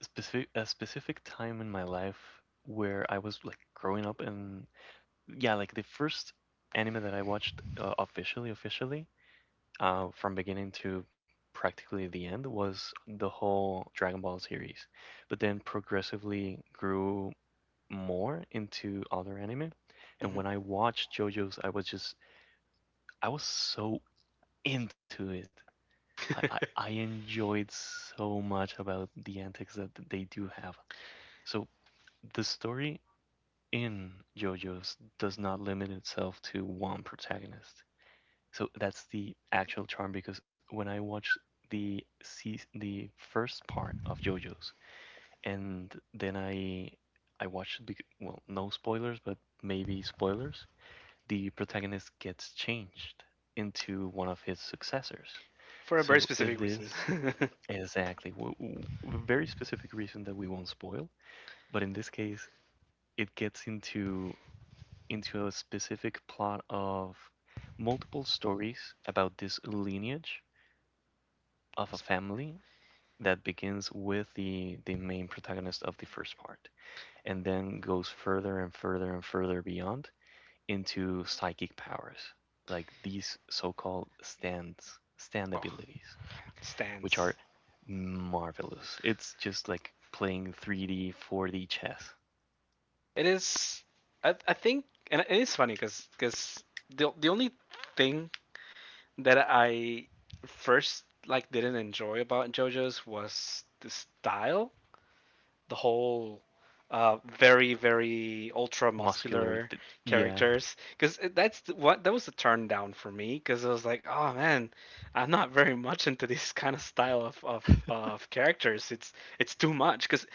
[SPEAKER 2] specific a specific time in my life where I was like growing up, and yeah, like the first anime that I watched officially, officially, from beginning to practically the end was the whole Dragon Ball series, but then progressively grew more into other anime. And
[SPEAKER 1] Hmm.
[SPEAKER 2] when I watched JoJo's, I was just I was so into it. I enjoyed so much about the antics that they do have. So the story in JoJo's does not limit itself to one protagonist. So that's the actual charm, because when I watched the first part of JoJo's and then I watched, well, no spoilers, but maybe spoilers. The protagonist gets changed into one of his successors.
[SPEAKER 1] For a very
[SPEAKER 2] So
[SPEAKER 1] specific reason.
[SPEAKER 2] this exactly very specific reason that we won't spoil, but in this case, it gets into a specific plot of multiple stories about this lineage of a
[SPEAKER 1] S-
[SPEAKER 2] family that begins with the main protagonist of the first part, and then goes further and further and further beyond into psychic powers, like these so-called stands, stand
[SPEAKER 1] oh,
[SPEAKER 2] abilities, which
[SPEAKER 1] stance.
[SPEAKER 2] are marvelous. It's just like playing 3D, 4D chess.
[SPEAKER 1] It is. I think, and it is funny because the only thing that I first like didn't enjoy about JoJo's was the style, the whole very ultra
[SPEAKER 2] Muscular,
[SPEAKER 1] muscular
[SPEAKER 2] yeah.
[SPEAKER 1] characters, because what that was a turn down for me because I was like, oh man, I'm not very much into this kind of style of of characters. It's too much because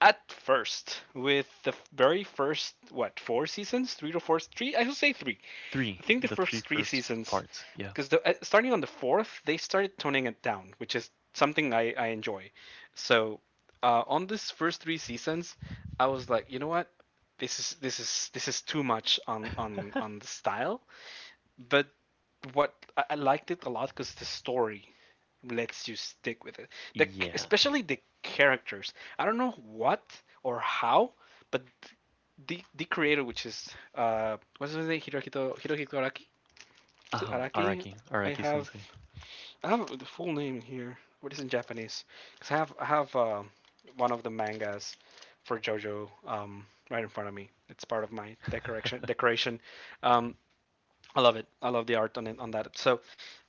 [SPEAKER 1] at first with the very first, what, four seasons, 3 to 4, 3 I should say three. I
[SPEAKER 2] Three,
[SPEAKER 1] think the
[SPEAKER 2] the three
[SPEAKER 1] first three
[SPEAKER 2] first
[SPEAKER 1] seasons,
[SPEAKER 2] parts, yeah,
[SPEAKER 1] because the, starting on the fourth, they started toning it down, which is something I enjoy. So on this first three seasons, I was like, you know what, this is this is too much on the style. But what I liked it a lot because the story lets you stick with it. The
[SPEAKER 2] yeah.
[SPEAKER 1] especially the characters. I don't know what or how, but the creator, which is what's his name, Hirohito Araki, is it Araki?
[SPEAKER 2] Araki,
[SPEAKER 1] I
[SPEAKER 2] Araki
[SPEAKER 1] have
[SPEAKER 2] Sensei,
[SPEAKER 1] the full name here, but it's in... Because I have one of the mangas for JoJo, right in front of me. It's part of my decoration. Um, I love it. I love the art on it, on that. So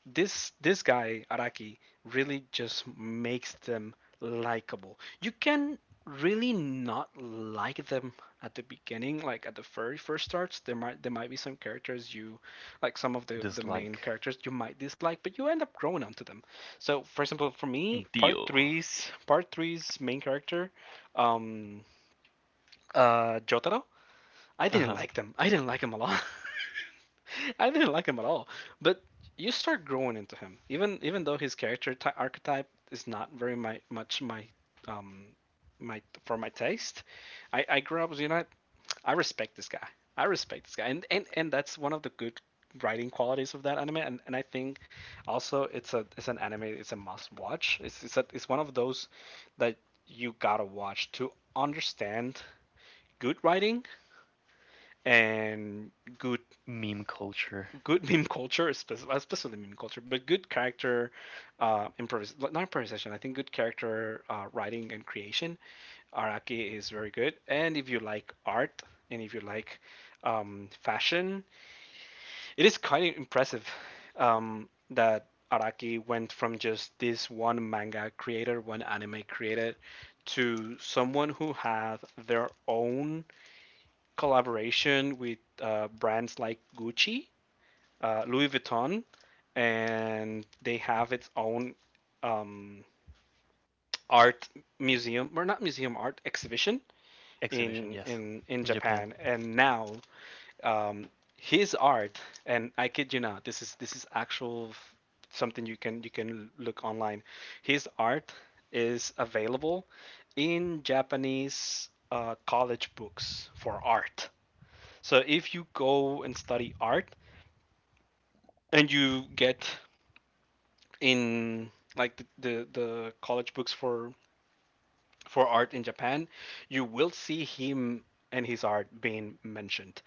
[SPEAKER 1] this guy Araki really just makes them likable. You can really not like them at the beginning, like at the very first starts. There might, be some characters you like, some of the main
[SPEAKER 2] dislike
[SPEAKER 1] characters you might dislike, but you end up growing onto them. So for example, for me,
[SPEAKER 2] Dio.
[SPEAKER 1] part three's main character, um, Jotaro. I
[SPEAKER 2] Uh
[SPEAKER 1] didn't
[SPEAKER 2] huh.
[SPEAKER 1] like them. I didn't like him a lot. I didn't like him at all, but you start growing into him, even though his character ty archetype is not very much my, um for my taste. I grew up, you know, I respect this guy. I respect this guy, and that's one of the good writing qualities of that anime. And I think also it's a... it's an anime. It's a must watch. It's one of those that you gotta watch to understand good writing and good
[SPEAKER 2] Meme culture
[SPEAKER 1] good meme culture, especially meme culture, but good character improvis not improvisation. I think good character writing and creation. Araki is very good, and if you like art and if you like fashion, it is kind of impressive that Araki went from just this one manga creator, one anime creator, to someone who have their own collaboration with brands like Gucci, Louis Vuitton, and they have its own um, art museum, or not museum, art exhibition
[SPEAKER 2] exhibition,
[SPEAKER 1] in
[SPEAKER 2] yes, in Japan,
[SPEAKER 1] Japan. And now um, his art, and I kid you not, this is actual something you can look online. His art is available in Japanese college books for art. So if you go and study art and you get in like the college books for art in Japan, you will see him and his art being mentioned.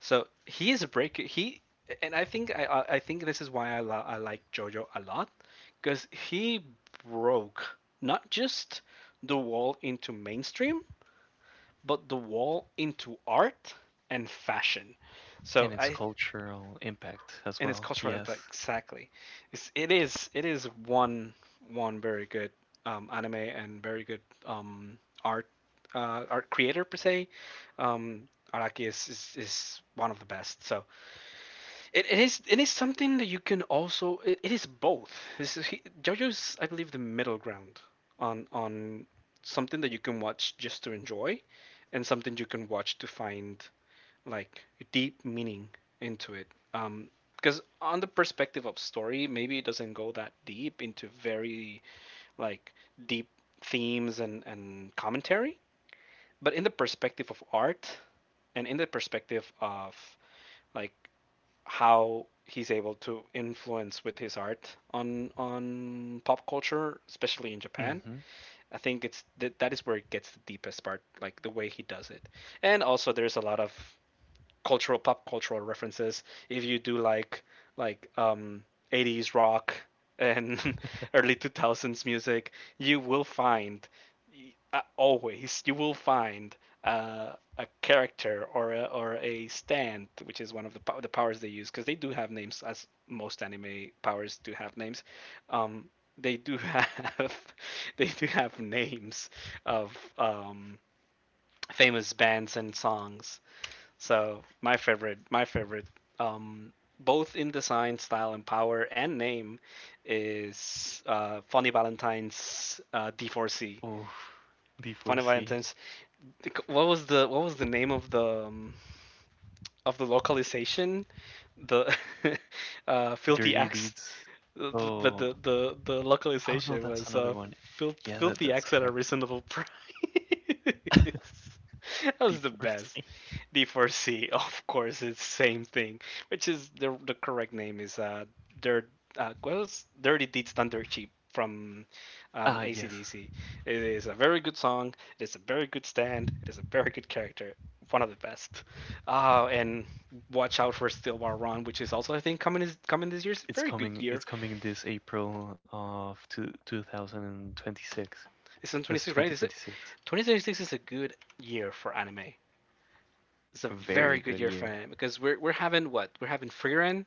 [SPEAKER 1] So he is a break. He and I think I think this is why I like JoJo a lot because he broke not just the wall into mainstream, but the wall into art and fashion. So
[SPEAKER 2] and its
[SPEAKER 1] I...
[SPEAKER 2] cultural impact as
[SPEAKER 1] and its
[SPEAKER 2] well,
[SPEAKER 1] cultural impact
[SPEAKER 2] yes.
[SPEAKER 1] exactly. It's, it is one one very good anime and very good um, art art creator per se. Um, Araki is, is one of the best. So it, it is something that you can also, it is both. This is he, JoJo's, I believe, the middle ground on something that you can watch just to enjoy, and something you can watch to find like deep meaning into it. Because on the perspective of story, maybe it doesn't go that deep into very like deep themes and commentary. But in the perspective of art, and in the perspective of like how he's able to influence with his art on pop culture, especially in Japan.
[SPEAKER 2] Mm-hmm.
[SPEAKER 1] I think it's that... that is where it gets the deepest part, like the way he does it. And also, there's a lot of cultural, pop cultural references. If you do like like um, '80s rock and early 2000s music, you will find always, you will find a character or a stand, which is one of the powers they use because they do have names, as most anime powers do have names. Um, they do have they do have names of famous bands and songs. So my favorite, um, both in design, style, and power, and name, is Funny Valentine's D4C.
[SPEAKER 2] Oh,
[SPEAKER 1] Funny
[SPEAKER 2] D4C.
[SPEAKER 1] Valentine's. What was the name of the localization? The Filthy
[SPEAKER 2] Dirty
[SPEAKER 1] Axe.
[SPEAKER 2] Deeds.
[SPEAKER 1] The
[SPEAKER 2] Oh.
[SPEAKER 1] the
[SPEAKER 2] Oh no,
[SPEAKER 1] localization
[SPEAKER 2] that's
[SPEAKER 1] was
[SPEAKER 2] another one. Yeah, that
[SPEAKER 1] Filthy
[SPEAKER 2] that's
[SPEAKER 1] Axe at a
[SPEAKER 2] correct.
[SPEAKER 1] reasonable price. That was the best.
[SPEAKER 2] D4C.
[SPEAKER 1] D4C, of course, it's same thing, which is the correct name is Dirt what was Dirty Deeds Done Dirt Cheap from
[SPEAKER 2] Ah, yes.
[SPEAKER 1] ACDC. It is a very good song. It is a very good stand. It is a very good character. One of the best. And watch out for Still War Run, which is also I think coming this year. It's a
[SPEAKER 2] It's
[SPEAKER 1] very good
[SPEAKER 2] coming,
[SPEAKER 1] year.
[SPEAKER 2] it's coming this April of two, 2026.
[SPEAKER 1] It's in
[SPEAKER 2] This
[SPEAKER 1] 26, right? Is it?
[SPEAKER 2] 2026.
[SPEAKER 1] 2026 is a good year for anime. It's a
[SPEAKER 2] Very
[SPEAKER 1] very good
[SPEAKER 2] good
[SPEAKER 1] year for
[SPEAKER 2] year.
[SPEAKER 1] anime because we're having what, we're having Freerun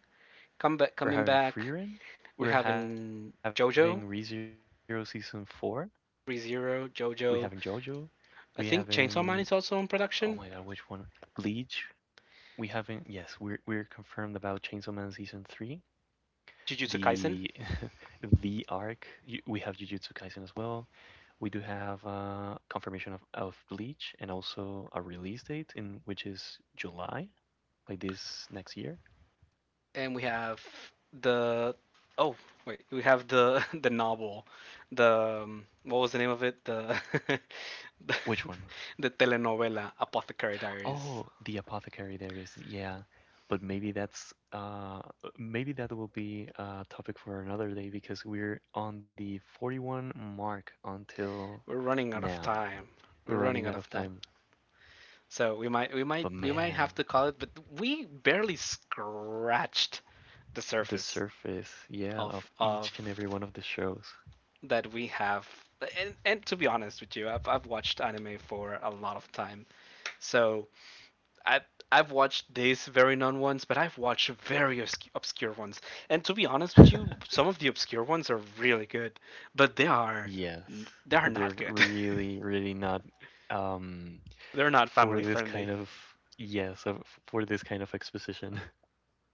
[SPEAKER 1] come back,
[SPEAKER 2] We're
[SPEAKER 1] coming
[SPEAKER 2] having
[SPEAKER 1] back.
[SPEAKER 2] Freerun.
[SPEAKER 1] We
[SPEAKER 2] We're
[SPEAKER 1] have
[SPEAKER 2] having
[SPEAKER 1] in
[SPEAKER 2] ReZero Season
[SPEAKER 1] JoJo,
[SPEAKER 2] 4. We're having
[SPEAKER 1] Re
[SPEAKER 2] JoJo. We
[SPEAKER 1] JoJo.
[SPEAKER 2] having
[SPEAKER 1] I think Chainsaw
[SPEAKER 2] oh
[SPEAKER 1] Man
[SPEAKER 2] my
[SPEAKER 1] is
[SPEAKER 2] god,
[SPEAKER 1] also
[SPEAKER 2] which
[SPEAKER 1] in
[SPEAKER 2] one?
[SPEAKER 1] production.
[SPEAKER 2] Bleach. We haven't yes, we're confirmed about Chainsaw Man Season 3.
[SPEAKER 1] Jujutsu
[SPEAKER 2] The
[SPEAKER 1] Kaisen,
[SPEAKER 2] the arc. You, we have Jujutsu Kaisen as well. We do have confirmation of Bleach, and also a release date in which is July, like this next year.
[SPEAKER 1] and we have the... oh wait, we have the the novel, the what was the name of it? The the,
[SPEAKER 2] Which one?
[SPEAKER 1] the telenovela Apothecary Diaries.
[SPEAKER 2] Oh, the apothecary, there is, yeah, but maybe that's maybe that will be a topic for another day, because we're on the 41 mark until
[SPEAKER 1] We're running out of
[SPEAKER 2] now.
[SPEAKER 1] time. We're
[SPEAKER 2] We're
[SPEAKER 1] running
[SPEAKER 2] running
[SPEAKER 1] out
[SPEAKER 2] out
[SPEAKER 1] of
[SPEAKER 2] of
[SPEAKER 1] time.
[SPEAKER 2] time.
[SPEAKER 1] So we might we might
[SPEAKER 2] But
[SPEAKER 1] we might have
[SPEAKER 2] man,
[SPEAKER 1] to call it, but we barely scratched the
[SPEAKER 2] the
[SPEAKER 1] surface
[SPEAKER 2] surface, yeah,
[SPEAKER 1] of
[SPEAKER 2] of
[SPEAKER 1] of
[SPEAKER 2] each and every one of the shows.
[SPEAKER 1] that we have and to be honest with you I've watched anime for a lot of time, so I, I've watched these very known ones, but I've watched very obscure ones. And to be honest with you, some of the obscure ones are really good, but
[SPEAKER 2] Yes,
[SPEAKER 1] they
[SPEAKER 2] but
[SPEAKER 1] are
[SPEAKER 2] they're
[SPEAKER 1] not good.
[SPEAKER 2] really, really not um,
[SPEAKER 1] They're not
[SPEAKER 2] for
[SPEAKER 1] family
[SPEAKER 2] this kind
[SPEAKER 1] friendly.
[SPEAKER 2] of yes, of, for this kind of exposition.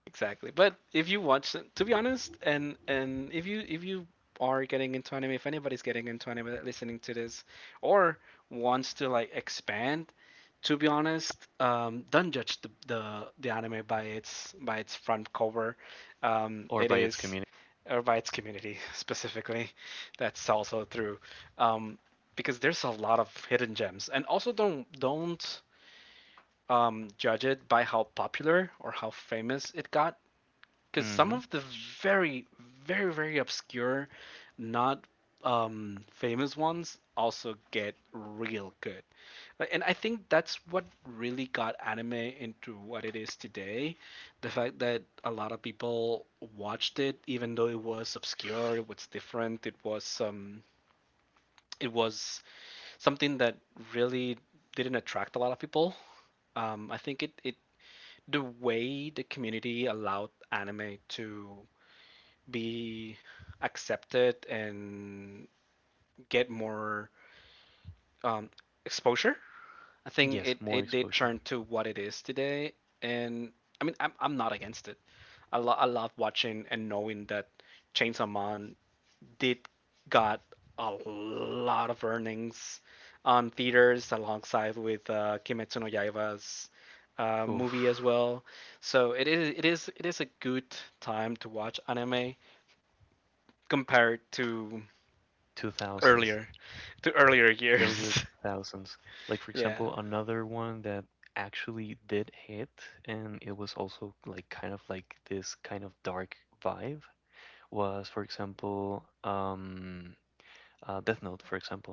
[SPEAKER 1] Exactly. But if you watch, to be honest, and if you are getting into anime, if anybody's getting into anime that listening to this, or wants to like expand, to be honest, don't judge the the anime by its front cover.
[SPEAKER 2] Or
[SPEAKER 1] It
[SPEAKER 2] by its
[SPEAKER 1] is
[SPEAKER 2] community.
[SPEAKER 1] or by its community specifically. That's also true. Um, because there's a lot of hidden gems. And also don't judge it by how popular or how famous it got, because some
[SPEAKER 2] Hmm.
[SPEAKER 1] of the very very obscure, not famous ones also get real good. Like, and I think that's what really got anime into what it is today, the fact that a lot of people watched it even though it was obscure, it was different, it was something that really didn't attract a lot of people. I think it it the way the community allowed anime to be accepted and get more um, exposure. I think
[SPEAKER 2] Yes,
[SPEAKER 1] it,
[SPEAKER 2] more
[SPEAKER 1] it did
[SPEAKER 2] exposure.
[SPEAKER 1] turn to what it is today. And I mean, I'm not against it. I love watching and knowing that Chainsaw Man did got a lot of earnings on theaters alongside with Kimetsu no Yaiba's
[SPEAKER 2] Oof,
[SPEAKER 1] movie as well. So it is a good time to watch anime compared to
[SPEAKER 2] 2000s,
[SPEAKER 1] earlier earlier
[SPEAKER 2] earlier
[SPEAKER 1] years.
[SPEAKER 2] 2000s. Like for
[SPEAKER 1] Yeah,
[SPEAKER 2] example, another one that actually did hit, and it was also like kind of like this kind of dark vibe was, for example, Death Note, for example.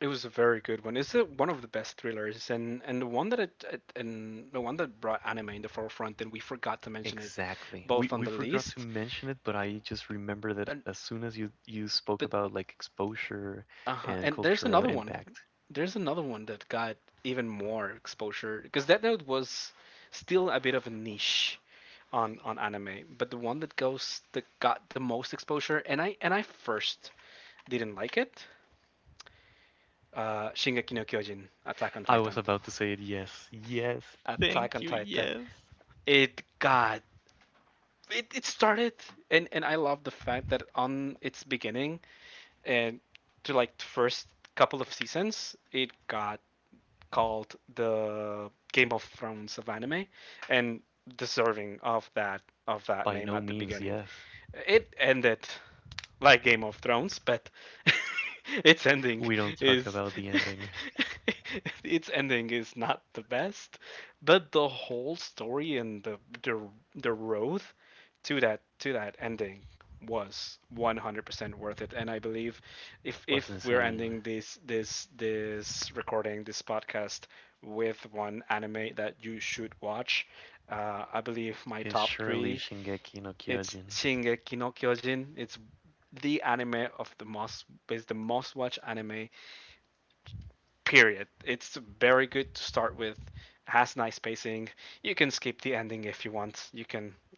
[SPEAKER 1] it was a very good one. It's one of the best thrillers, and the one that brought anime in the forefront, and we forgot to mention it,
[SPEAKER 2] Exactly.
[SPEAKER 1] both on
[SPEAKER 2] We
[SPEAKER 1] the
[SPEAKER 2] forgot to
[SPEAKER 1] list.
[SPEAKER 2] mention it, but I just remember that
[SPEAKER 1] And
[SPEAKER 2] as soon as you you spoke
[SPEAKER 1] but
[SPEAKER 2] about like exposure
[SPEAKER 1] uh
[SPEAKER 2] and
[SPEAKER 1] huh, and there's
[SPEAKER 2] cultural
[SPEAKER 1] another one.
[SPEAKER 2] impact,
[SPEAKER 1] There's another one that got even more exposure, because that note was still a bit of a niche on anime. But the one that goes that got the most exposure, and I first didn't like it, shingeki no kyojin, attack on
[SPEAKER 2] I was
[SPEAKER 1] titan.
[SPEAKER 2] about to say it. Yes, yes.
[SPEAKER 1] Attack
[SPEAKER 2] Thank
[SPEAKER 1] on
[SPEAKER 2] you.
[SPEAKER 1] Titan.
[SPEAKER 2] Yes.
[SPEAKER 1] It, God, it started, and I love the fact that on its beginning and to like the first couple of seasons, it got called the Game of Thrones of anime, and deserving of that
[SPEAKER 2] By
[SPEAKER 1] name
[SPEAKER 2] no
[SPEAKER 1] at the
[SPEAKER 2] means,
[SPEAKER 1] beginning.
[SPEAKER 2] yes.
[SPEAKER 1] It ended like Game of Thrones, but its
[SPEAKER 2] We
[SPEAKER 1] ending
[SPEAKER 2] don't talk
[SPEAKER 1] is
[SPEAKER 2] about the ending.
[SPEAKER 1] its ending is not the best, but the whole story and the, the road to that ending was 100% worth it. And I believe if
[SPEAKER 2] Was
[SPEAKER 1] we're
[SPEAKER 2] insane.
[SPEAKER 1] ending this recording, this podcast, with one anime that you should watch, I believe my
[SPEAKER 2] It's
[SPEAKER 1] top
[SPEAKER 2] surely
[SPEAKER 1] three,
[SPEAKER 2] Shingeki no
[SPEAKER 1] it's
[SPEAKER 2] Kyojin.
[SPEAKER 1] Shingeki no Kyojin. It's the anime of the most, is the most watched anime, period. It's very good to start with. It has nice pacing. You can skip the ending if you want. You can.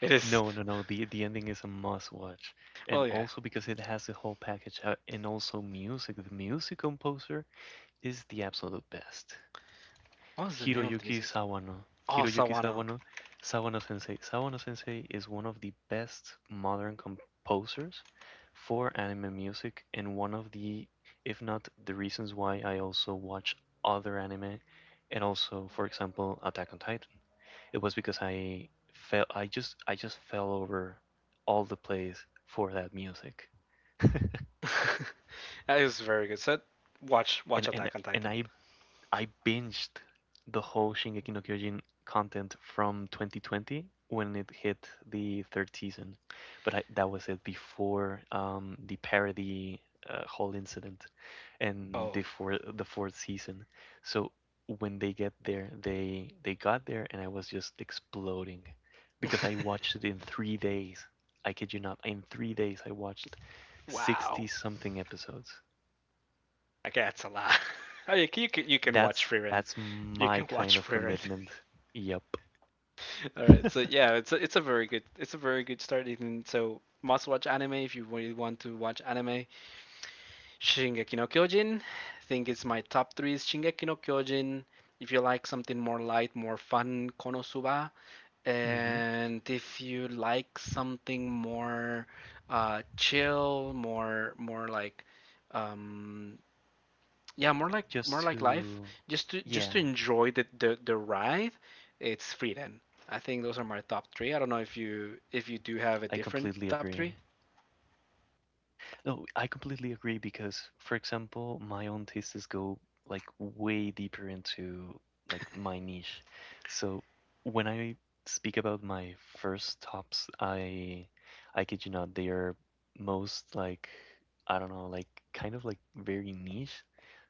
[SPEAKER 1] It is,
[SPEAKER 2] No, no, no. The ending is a must watch,
[SPEAKER 1] well,
[SPEAKER 2] and
[SPEAKER 1] yeah.
[SPEAKER 2] also because it has the whole package, and also music. The music composer is the absolute best.
[SPEAKER 1] What was the name of the
[SPEAKER 2] Hiroyuki
[SPEAKER 1] music?
[SPEAKER 2] Sawano.
[SPEAKER 1] Oh,
[SPEAKER 2] Hiroyuki
[SPEAKER 1] Sawano.
[SPEAKER 2] Sawano, Sawano Sensei. Sawano Sensei is one of the best modern composers for anime music and one of the, if not the reasons why I also watch other anime, and also, for example, Attack on Titan. It was because I fell I just fell over all the plays for that music.
[SPEAKER 1] That is very good. So watch
[SPEAKER 2] and
[SPEAKER 1] watch
[SPEAKER 2] and
[SPEAKER 1] Attack on
[SPEAKER 2] and
[SPEAKER 1] Titan.
[SPEAKER 2] I I binged the whole Shingeki no Kyojin content from 2020 when it hit the third season, but I, that was it before the parody whole incident, and
[SPEAKER 1] Oh,
[SPEAKER 2] before the fourth season. So when they get there, they got there, and I was just exploding because I watched it in 3 days. I kid you not, in 3 days I watched
[SPEAKER 1] wow.
[SPEAKER 2] 60 something episodes.
[SPEAKER 1] Okay, that's a lot. Oh, you can watch Frieren.
[SPEAKER 2] That's
[SPEAKER 1] You
[SPEAKER 2] my
[SPEAKER 1] can
[SPEAKER 2] kind
[SPEAKER 1] watch
[SPEAKER 2] of
[SPEAKER 1] Frieren.
[SPEAKER 2] commitment. Yep.
[SPEAKER 1] All right, so yeah, it's a very good, it's a very good start, Ethan. So must watch anime if you really want to watch anime. Shingeki no Kyojin, I think it's my top three, is Shingeki no Kyojin. If you like something more light, more fun, Konosuba,
[SPEAKER 2] Hmm.
[SPEAKER 1] and if you like something more chill, more more like um, yeah more
[SPEAKER 2] Just
[SPEAKER 1] like life,
[SPEAKER 2] to,
[SPEAKER 1] just to
[SPEAKER 2] yeah,
[SPEAKER 1] enjoy the ride. It's free then. I think those are my top three. I don't know if you do have a
[SPEAKER 2] I
[SPEAKER 1] different
[SPEAKER 2] completely
[SPEAKER 1] top three.
[SPEAKER 2] agree. No, I completely agree because, for example, my own tastes go like way deeper into like my niche. So when I speak about my first tops, I kid you not, they are most like, I don't know, like kind of like very niche.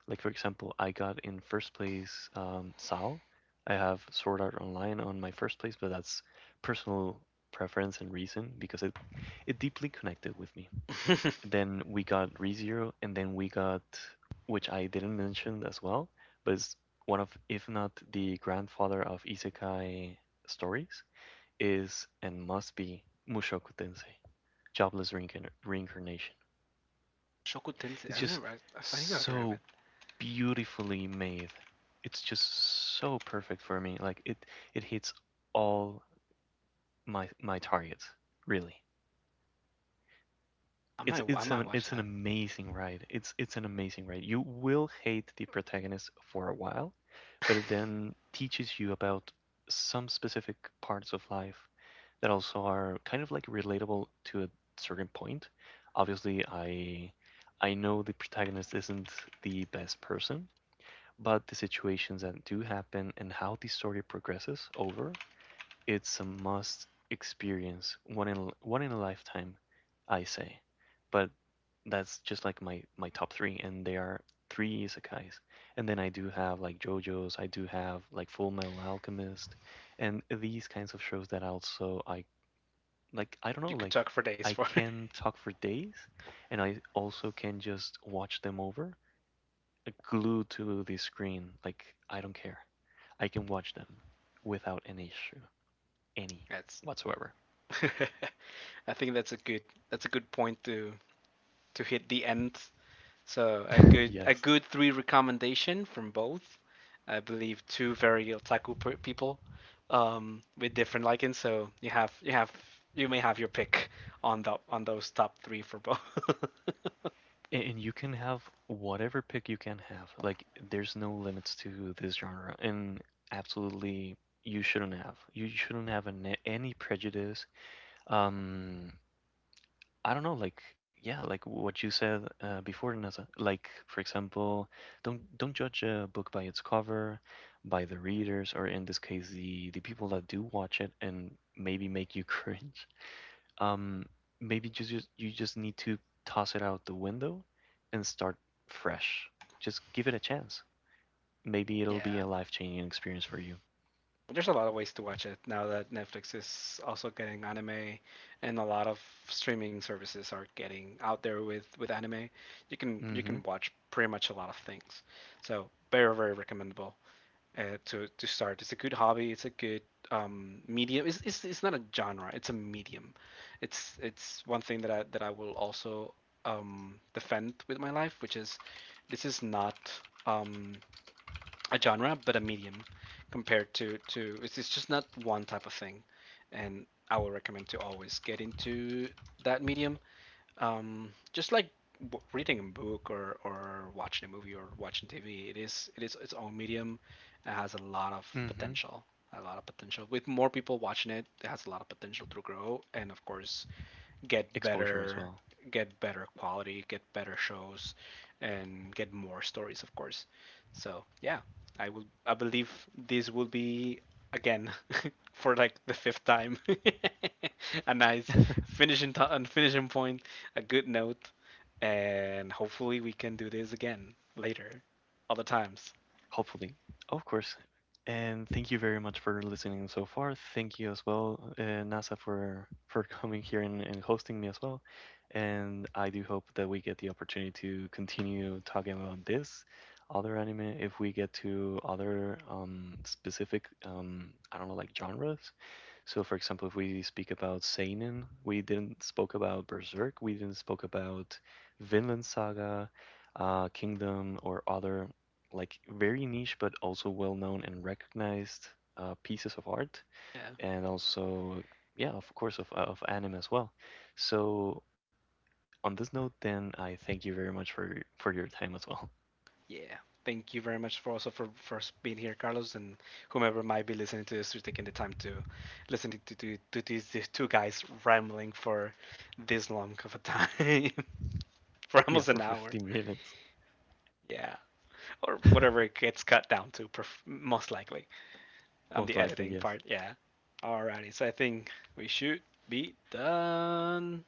[SPEAKER 2] Like for example, I got in first place Sao. I have Sword Art Online on my first place, but that's personal preference and reason, because it deeply connected with me. Then we got ReZero, and then we got, which I didn't mention as well, but it's one of if not the grandfather of isekai stories, is and must be Mushoku Tensei, Reincarnation.
[SPEAKER 1] Shoku
[SPEAKER 2] It's
[SPEAKER 1] tensei, I've
[SPEAKER 2] just
[SPEAKER 1] never I I think I've heard
[SPEAKER 2] so
[SPEAKER 1] of it.
[SPEAKER 2] beautifully made. It's just so perfect for me. Like, it hits all my targets, really.
[SPEAKER 1] i might i might watch
[SPEAKER 2] It's an
[SPEAKER 1] that.
[SPEAKER 2] amazing ride. It's an amazing ride. You will hate the protagonist for a while, but it then teaches you about some specific parts of life that also are kind of like relatable to a certain point. Obviously, I know the protagonist isn't the best person, but the situations that do happen and how the story progresses over, it's a must experience, one in a lifetime, I say. But that's just like my top three, and they are three isekais. And then I do have like JoJo's, I do have like Full Metal Alchemist, and these kinds of shows that also I like. I don't know,
[SPEAKER 1] You could
[SPEAKER 2] like
[SPEAKER 1] talk for days
[SPEAKER 2] I
[SPEAKER 1] for it.
[SPEAKER 2] can talk for days, and I also can just watch them over glued to the screen. Like I don't care. I can watch them without any issue, any
[SPEAKER 1] That's
[SPEAKER 2] whatsoever.
[SPEAKER 1] I think that's a good, that's a good point to hit the end. So a good, a
[SPEAKER 2] Yes.
[SPEAKER 1] good three recommendation from both. I believe two very otaku people, with different likings. So you have you may have your pick on the on those top three for both.
[SPEAKER 2] And you can have whatever pick you can have. Like there's no limits to this genre, and absolutely you shouldn't have. You shouldn't have any prejudice. Um, I don't know, like, yeah, like what you said before, Nasa. Like for example, don't judge a book by its cover, by the readers, or in this case, the people that do watch it and maybe make you cringe. Um, Maybe just you just need to toss it out the window and start fresh. Just give it a chance. Maybe it'll be
[SPEAKER 1] Yeah,
[SPEAKER 2] a life-changing experience for you.
[SPEAKER 1] there's a lot of ways to watch it now that Netflix is also getting anime, and a lot of streaming services are getting out there with anime. You
[SPEAKER 2] Mm-hmm.
[SPEAKER 1] can watch pretty much a lot of things. So very recommendable. To start. It's a good hobby. It's a good medium. It's not a genre. It's a medium. It's one thing that I will also defend with my life, which is this is not um, a genre but a medium compared to it's just not one type of thing, and I will recommend to always get into that medium, just like reading a book or, watching a movie or watching TV. It is, it is its own medium. It has a lot of
[SPEAKER 2] Mm-hmm.
[SPEAKER 1] potential, a lot of potential. With more people watching it, it has a lot of potential to grow and of course
[SPEAKER 2] Exposure as well.
[SPEAKER 1] get better, get better quality, get better shows, and get more stories, of course. So yeah, I will, I believe this will be again for like the fifth time a nice finishing to- and finishing point, a good note, and hopefully we can do this again later, other times.
[SPEAKER 2] Hopefully, of course. And thank you very much for listening so far. Thank you as well, NASA, for coming here and hosting me as well. And I do hope that we get the opportunity to continue talking about this other anime if we get to other specific I don't know, like genres. So, for example, if we speak about seinen, we didn't spoke about Berserk, we didn't spoke about Vinland Saga, Kingdom, or other like very niche but also well-known and recognized pieces of art,
[SPEAKER 1] Yeah,
[SPEAKER 2] and also yeah, of course, of anime as well. So on this note, then I thank you very much for your time as well.
[SPEAKER 1] yeah. Thank you very much for also for being here, Carlos, and whomever might be listening to this, for taking the time to listen to these two guys rambling for this long of a time, for
[SPEAKER 2] Yeah,
[SPEAKER 1] almost an
[SPEAKER 2] for
[SPEAKER 1] hour.
[SPEAKER 2] 15 minutes,
[SPEAKER 1] Yeah, or whatever it gets cut down to, most likely, on the
[SPEAKER 2] most
[SPEAKER 1] editing
[SPEAKER 2] likely,
[SPEAKER 1] part.
[SPEAKER 2] yes.
[SPEAKER 1] Yeah. Alrighty. So I think we should be done.